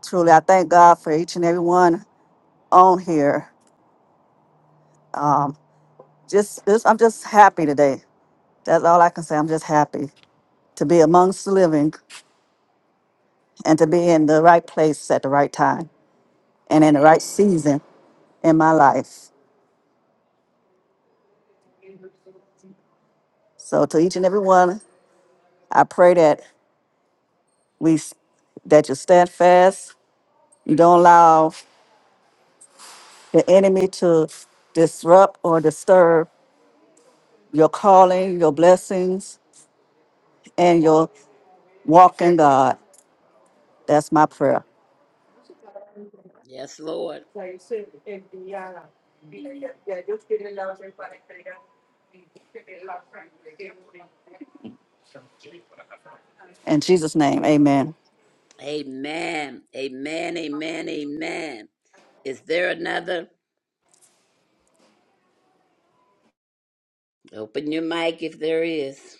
G: Truly, I thank God for each and every one on here. Um, just, just, I'm just happy today. That's all I can say. I'm just happy to be amongst the living and to be in the right place at the right time and in the right season in my life. So, to each and every one, I pray that we, s- that you stand fast. You don't allow the enemy to disrupt or disturb your calling, your blessings, and your walk in God. That's my prayer.
C: Yes, Lord.
G: In Jesus' name, amen.
C: Amen. Amen. Amen. Amen. Is there another? Open your mic if there is.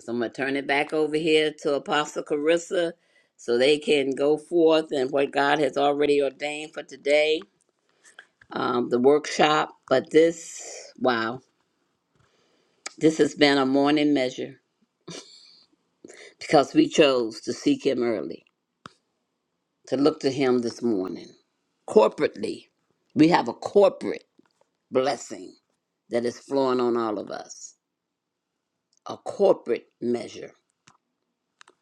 C: So I'm going to turn it back over here to Apostle Carissa so they can go forth and what God has already ordained for today, um, the workshop. But this, wow, this has been a morning measure because we chose to seek Him early, to look to Him this morning. Corporately, we have a corporate blessing that is flowing on all of us, a corporate measure.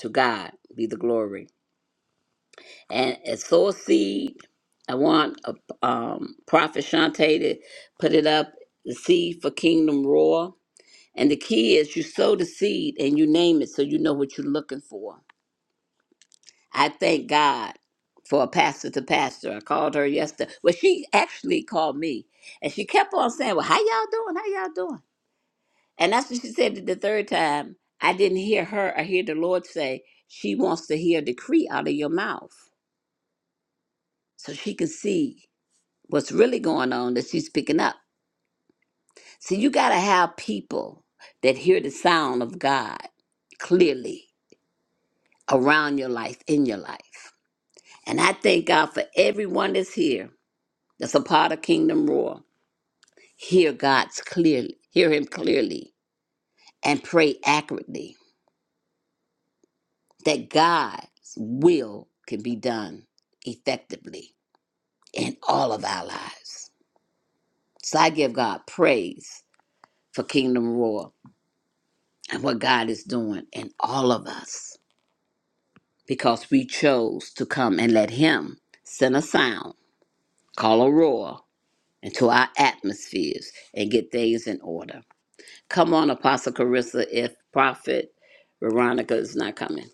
C: To God be the glory. and, and sow a seed. I want a, um, Prophet Shantae to put it up, the seed for Kingdom Roar. And the key is you sow the seed and you name it so you know what you're looking for. I thank God for a pastor to pastor. I called her yesterday. Well, she actually called me and she kept on saying, Well, how y'all doing? How y'all doing? And that's what she said the third time. I didn't hear her. I hear the Lord say, She wants to hear a decree out of your mouth so she can see. what's really going on that she's picking up. So you got to have people that hear the sound of God clearly around your life, in your life. And I thank God for everyone that's here, that's a part of Kingdom Roar. Hear God's clearly, hear Him clearly, and pray accurately that God's will can be done effectively in all of our lives. So I give God praise for Kingdom Roar and what God is doing in all of us because we chose to come and let Him send a sound, call a roar into our atmospheres and get things in order. Come on, Apostle Carissa, if Prophet Veronica is not coming.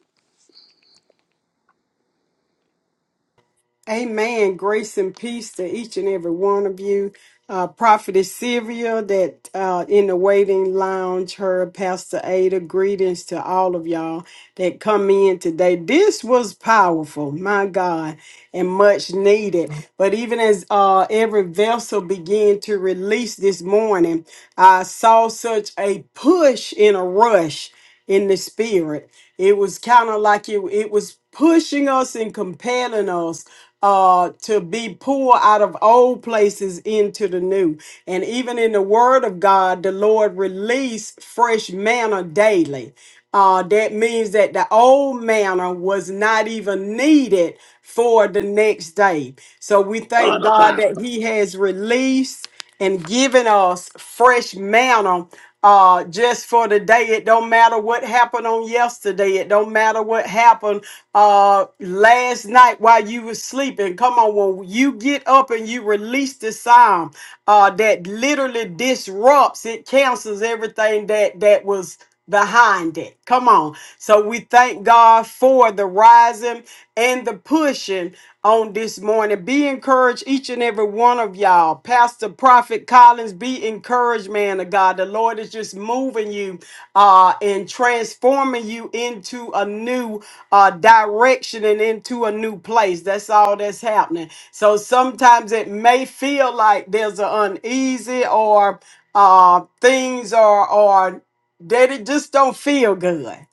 A: Amen. Grace and peace to each and every one of you. Uh, Prophetess Sylvia, that uh, in the waiting lounge, her Pastor Ada, greetings to all of y'all that come in today. This was powerful, my God, and much needed. But even as uh, every vessel began to release this morning, I saw such a push in a rush in the spirit. It was kind of like it, it was pushing us and compelling us uh, to be pulled out of old places into the new. And even in the Word of God, the Lord released fresh manna daily. Uh, that means that the old manna was not even needed for the next day. So we
C: Come
A: thank
C: on,
A: God that
C: Apostle.
A: He has released and giving us fresh manna uh, just for today. It don't matter what happened on yesterday. It don't matter what happened uh, last night while you were sleeping. Come on, when you get up and you release the sound uh, that literally disrupts, it cancels everything that that was behind it. Come on. So we thank God for the rising and the pushing on this morning. Be encouraged, each and every one of y'all. Pastor Prophet Collins, be encouraged, man of God. The Lord is just moving you uh, and transforming you into a new uh, direction and into a new place. That's all that's happening. So sometimes it may feel like there's an uneasy or uh, things are are that it just don't feel good.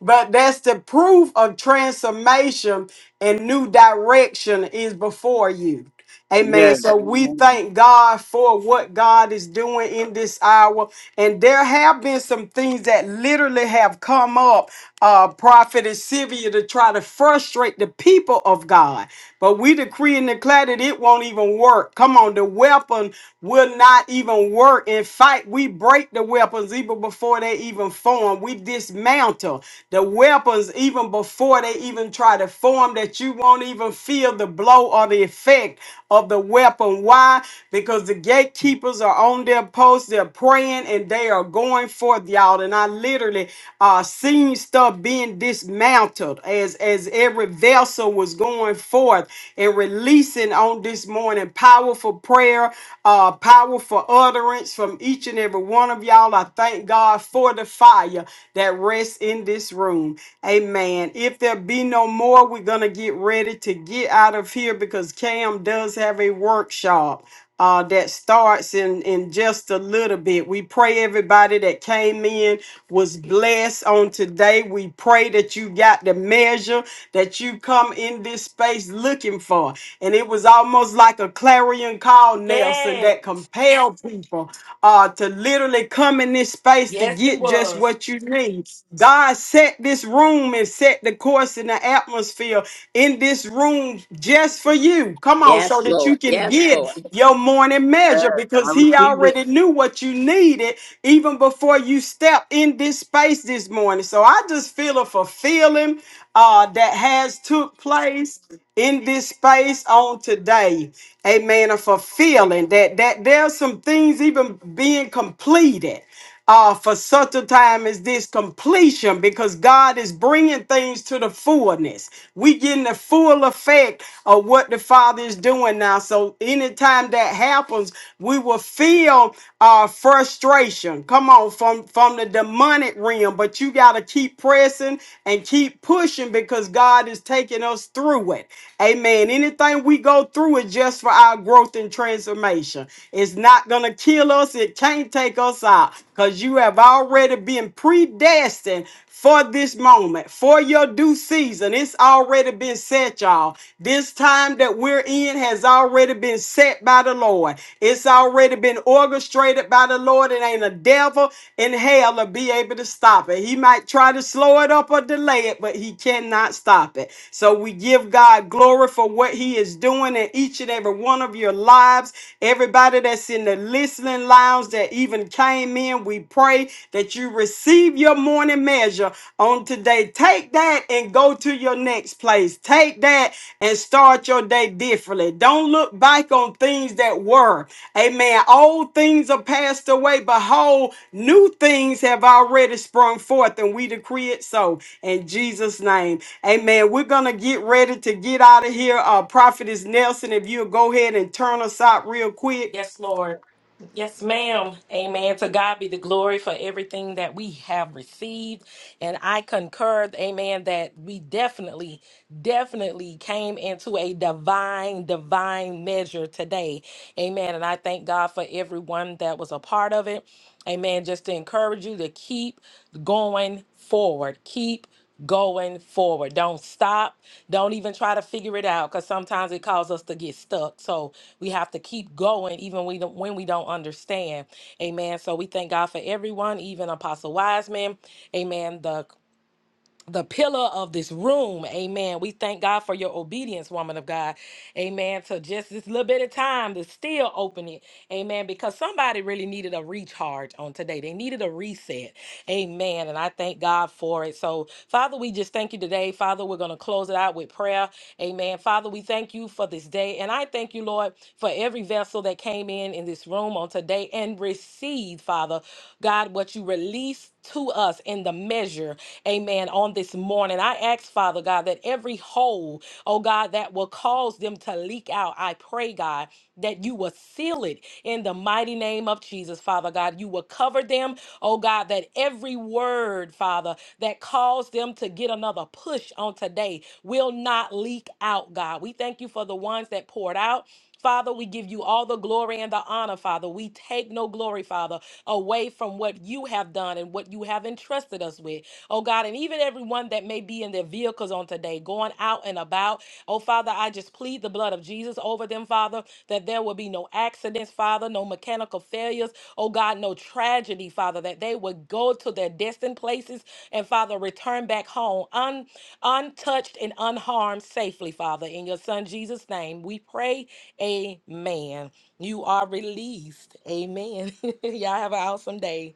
A: but that's the proof of transformation and new direction is before you. Amen.
E: Yes,
A: So we
E: amen.
A: thank God for what God is doing in this hour. And there have been some things that literally have come up, uh, Prophet Sylvia, to try to frustrate the people of God. But we decree and declare that it won't even work. Come on, the weapon will not even work. In fact, we break the weapons even before they even form. We dismantle the weapons even before they even try to form that you won't even feel feel the blow or the effect of the weapon. Why? Because the gatekeepers are on their posts, they're praying, and they are going forth, y'all. And I literally uh seen stuff being dismantled as as every vessel was going forth and releasing on this morning powerful prayer, uh powerful utterance from each and every one of y'all. I thank God for the fire that rests in this room. Amen. If there be no more, before we're going to get ready to get out of here because Cam does have a workshop uh, that starts in, in just a little bit. We pray everybody that came in was blessed on today. We pray that you got the measure that you come in this space looking for. And it was almost like a clarion call, Nelson,
B: Yes.
A: that compelled people uh, to literally come in this space to
B: Yes, it
A: get just
B: was.
A: what you need. God set this room room and set the course in the atmosphere in this room just for you. Come on, so
C: Yes,
A: that you
C: Lord.
A: can
C: Yes,
A: get
C: Lord.
A: your morning measure
E: yes, I
A: because he
E: receive it.
A: already knew what you needed even before you step in this space this morning. So I just feel a fulfilling uh, that has took place in this space on today. Amen. A fulfilling that that there's some things even being completed uh, for such a time as this completion because God is bringing things to the fullness. we getting the full effect of what the Father is doing now. So anytime that happens, we will feel uh, frustration. Come on, from, from the demonic realm, but you got to keep pressing and keep pushing because God is taking us through it. Amen. Anything we go through is just for our growth and transformation. It's not going to kill us. It can't take us out because you have already been predestined for this moment, for your due season. It's already been set, y'all. This time that we're in has already been set by the Lord. It's already been orchestrated by the Lord. It ain't a devil in hell to be able to stop it. He might try to slow it up or delay it, but he cannot stop it. So we give God glory for what he is doing in each and every one of your lives. Everybody that's in the listening listening lounge that even came in. We pray that you receive your morning measure on today. Take that and go to your next place. Take that and start your day differently. Don't look back on things that were. Amen. Old things are passed away. Behold, new things have already sprung forth, and we decree it so in Jesus' name. Amen. We're going to get ready to get out of here. Uh, Prophetess Nelson, if you'll go ahead and turn us out real quick.
B: Yes, Lord. Yes, ma'am. Amen. To God be the glory for everything that we have received. And I concur, amen, that we definitely, definitely came into a divine, divine measure today. Amen. And I thank God for everyone that was a part of it. Amen. Just to encourage you to keep going forward. Keep going forward. Don't stop. Don't even try to figure it out because sometimes it causes us to get stuck. So we have to keep going even we don't- when we don't understand. Amen. So we thank God for everyone, even Apostle Wiseman. Amen. The the pillar of this room. Amen. We thank God for your obedience, woman of God. Amen. So just this little bit of time to still open it. Amen. Because somebody really needed a recharge on today. They needed a reset. Amen. And I thank God for it. So, Father, we just thank you today. Father, we're going to close it out with prayer. Amen. Father, we thank you for this day. And I thank you, Lord, for every vessel that came in in this room on today and received, Father, God, what you released to us in the measure, amen, on this morning. I ask, Father God, that every hole, oh God, that will cause them to leak out, I pray, God, that you will seal it in the mighty name of Jesus, Father God. You will cover them, oh God, that every word, Father, that caused them to get another push on today will not leak out, God. We thank you for the ones that poured out. Father, we give you all the glory and the honor, Father. We take no glory, Father, away from what you have done and what you have entrusted us with. Oh God, and even everyone that may be in their vehicles on today, going out and about. Oh Father, I just plead the blood of Jesus over them, Father, that there will be no accidents, Father, no mechanical failures. Oh God, no tragedy, Father, that they would go to their destined places and Father, return back home un, untouched and unharmed safely, Father. In your Son Jesus' name, we pray. Amen. You are released. Amen. Y'all have an awesome day.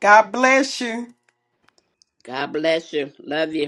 A: God bless you.
C: God bless you. Love you.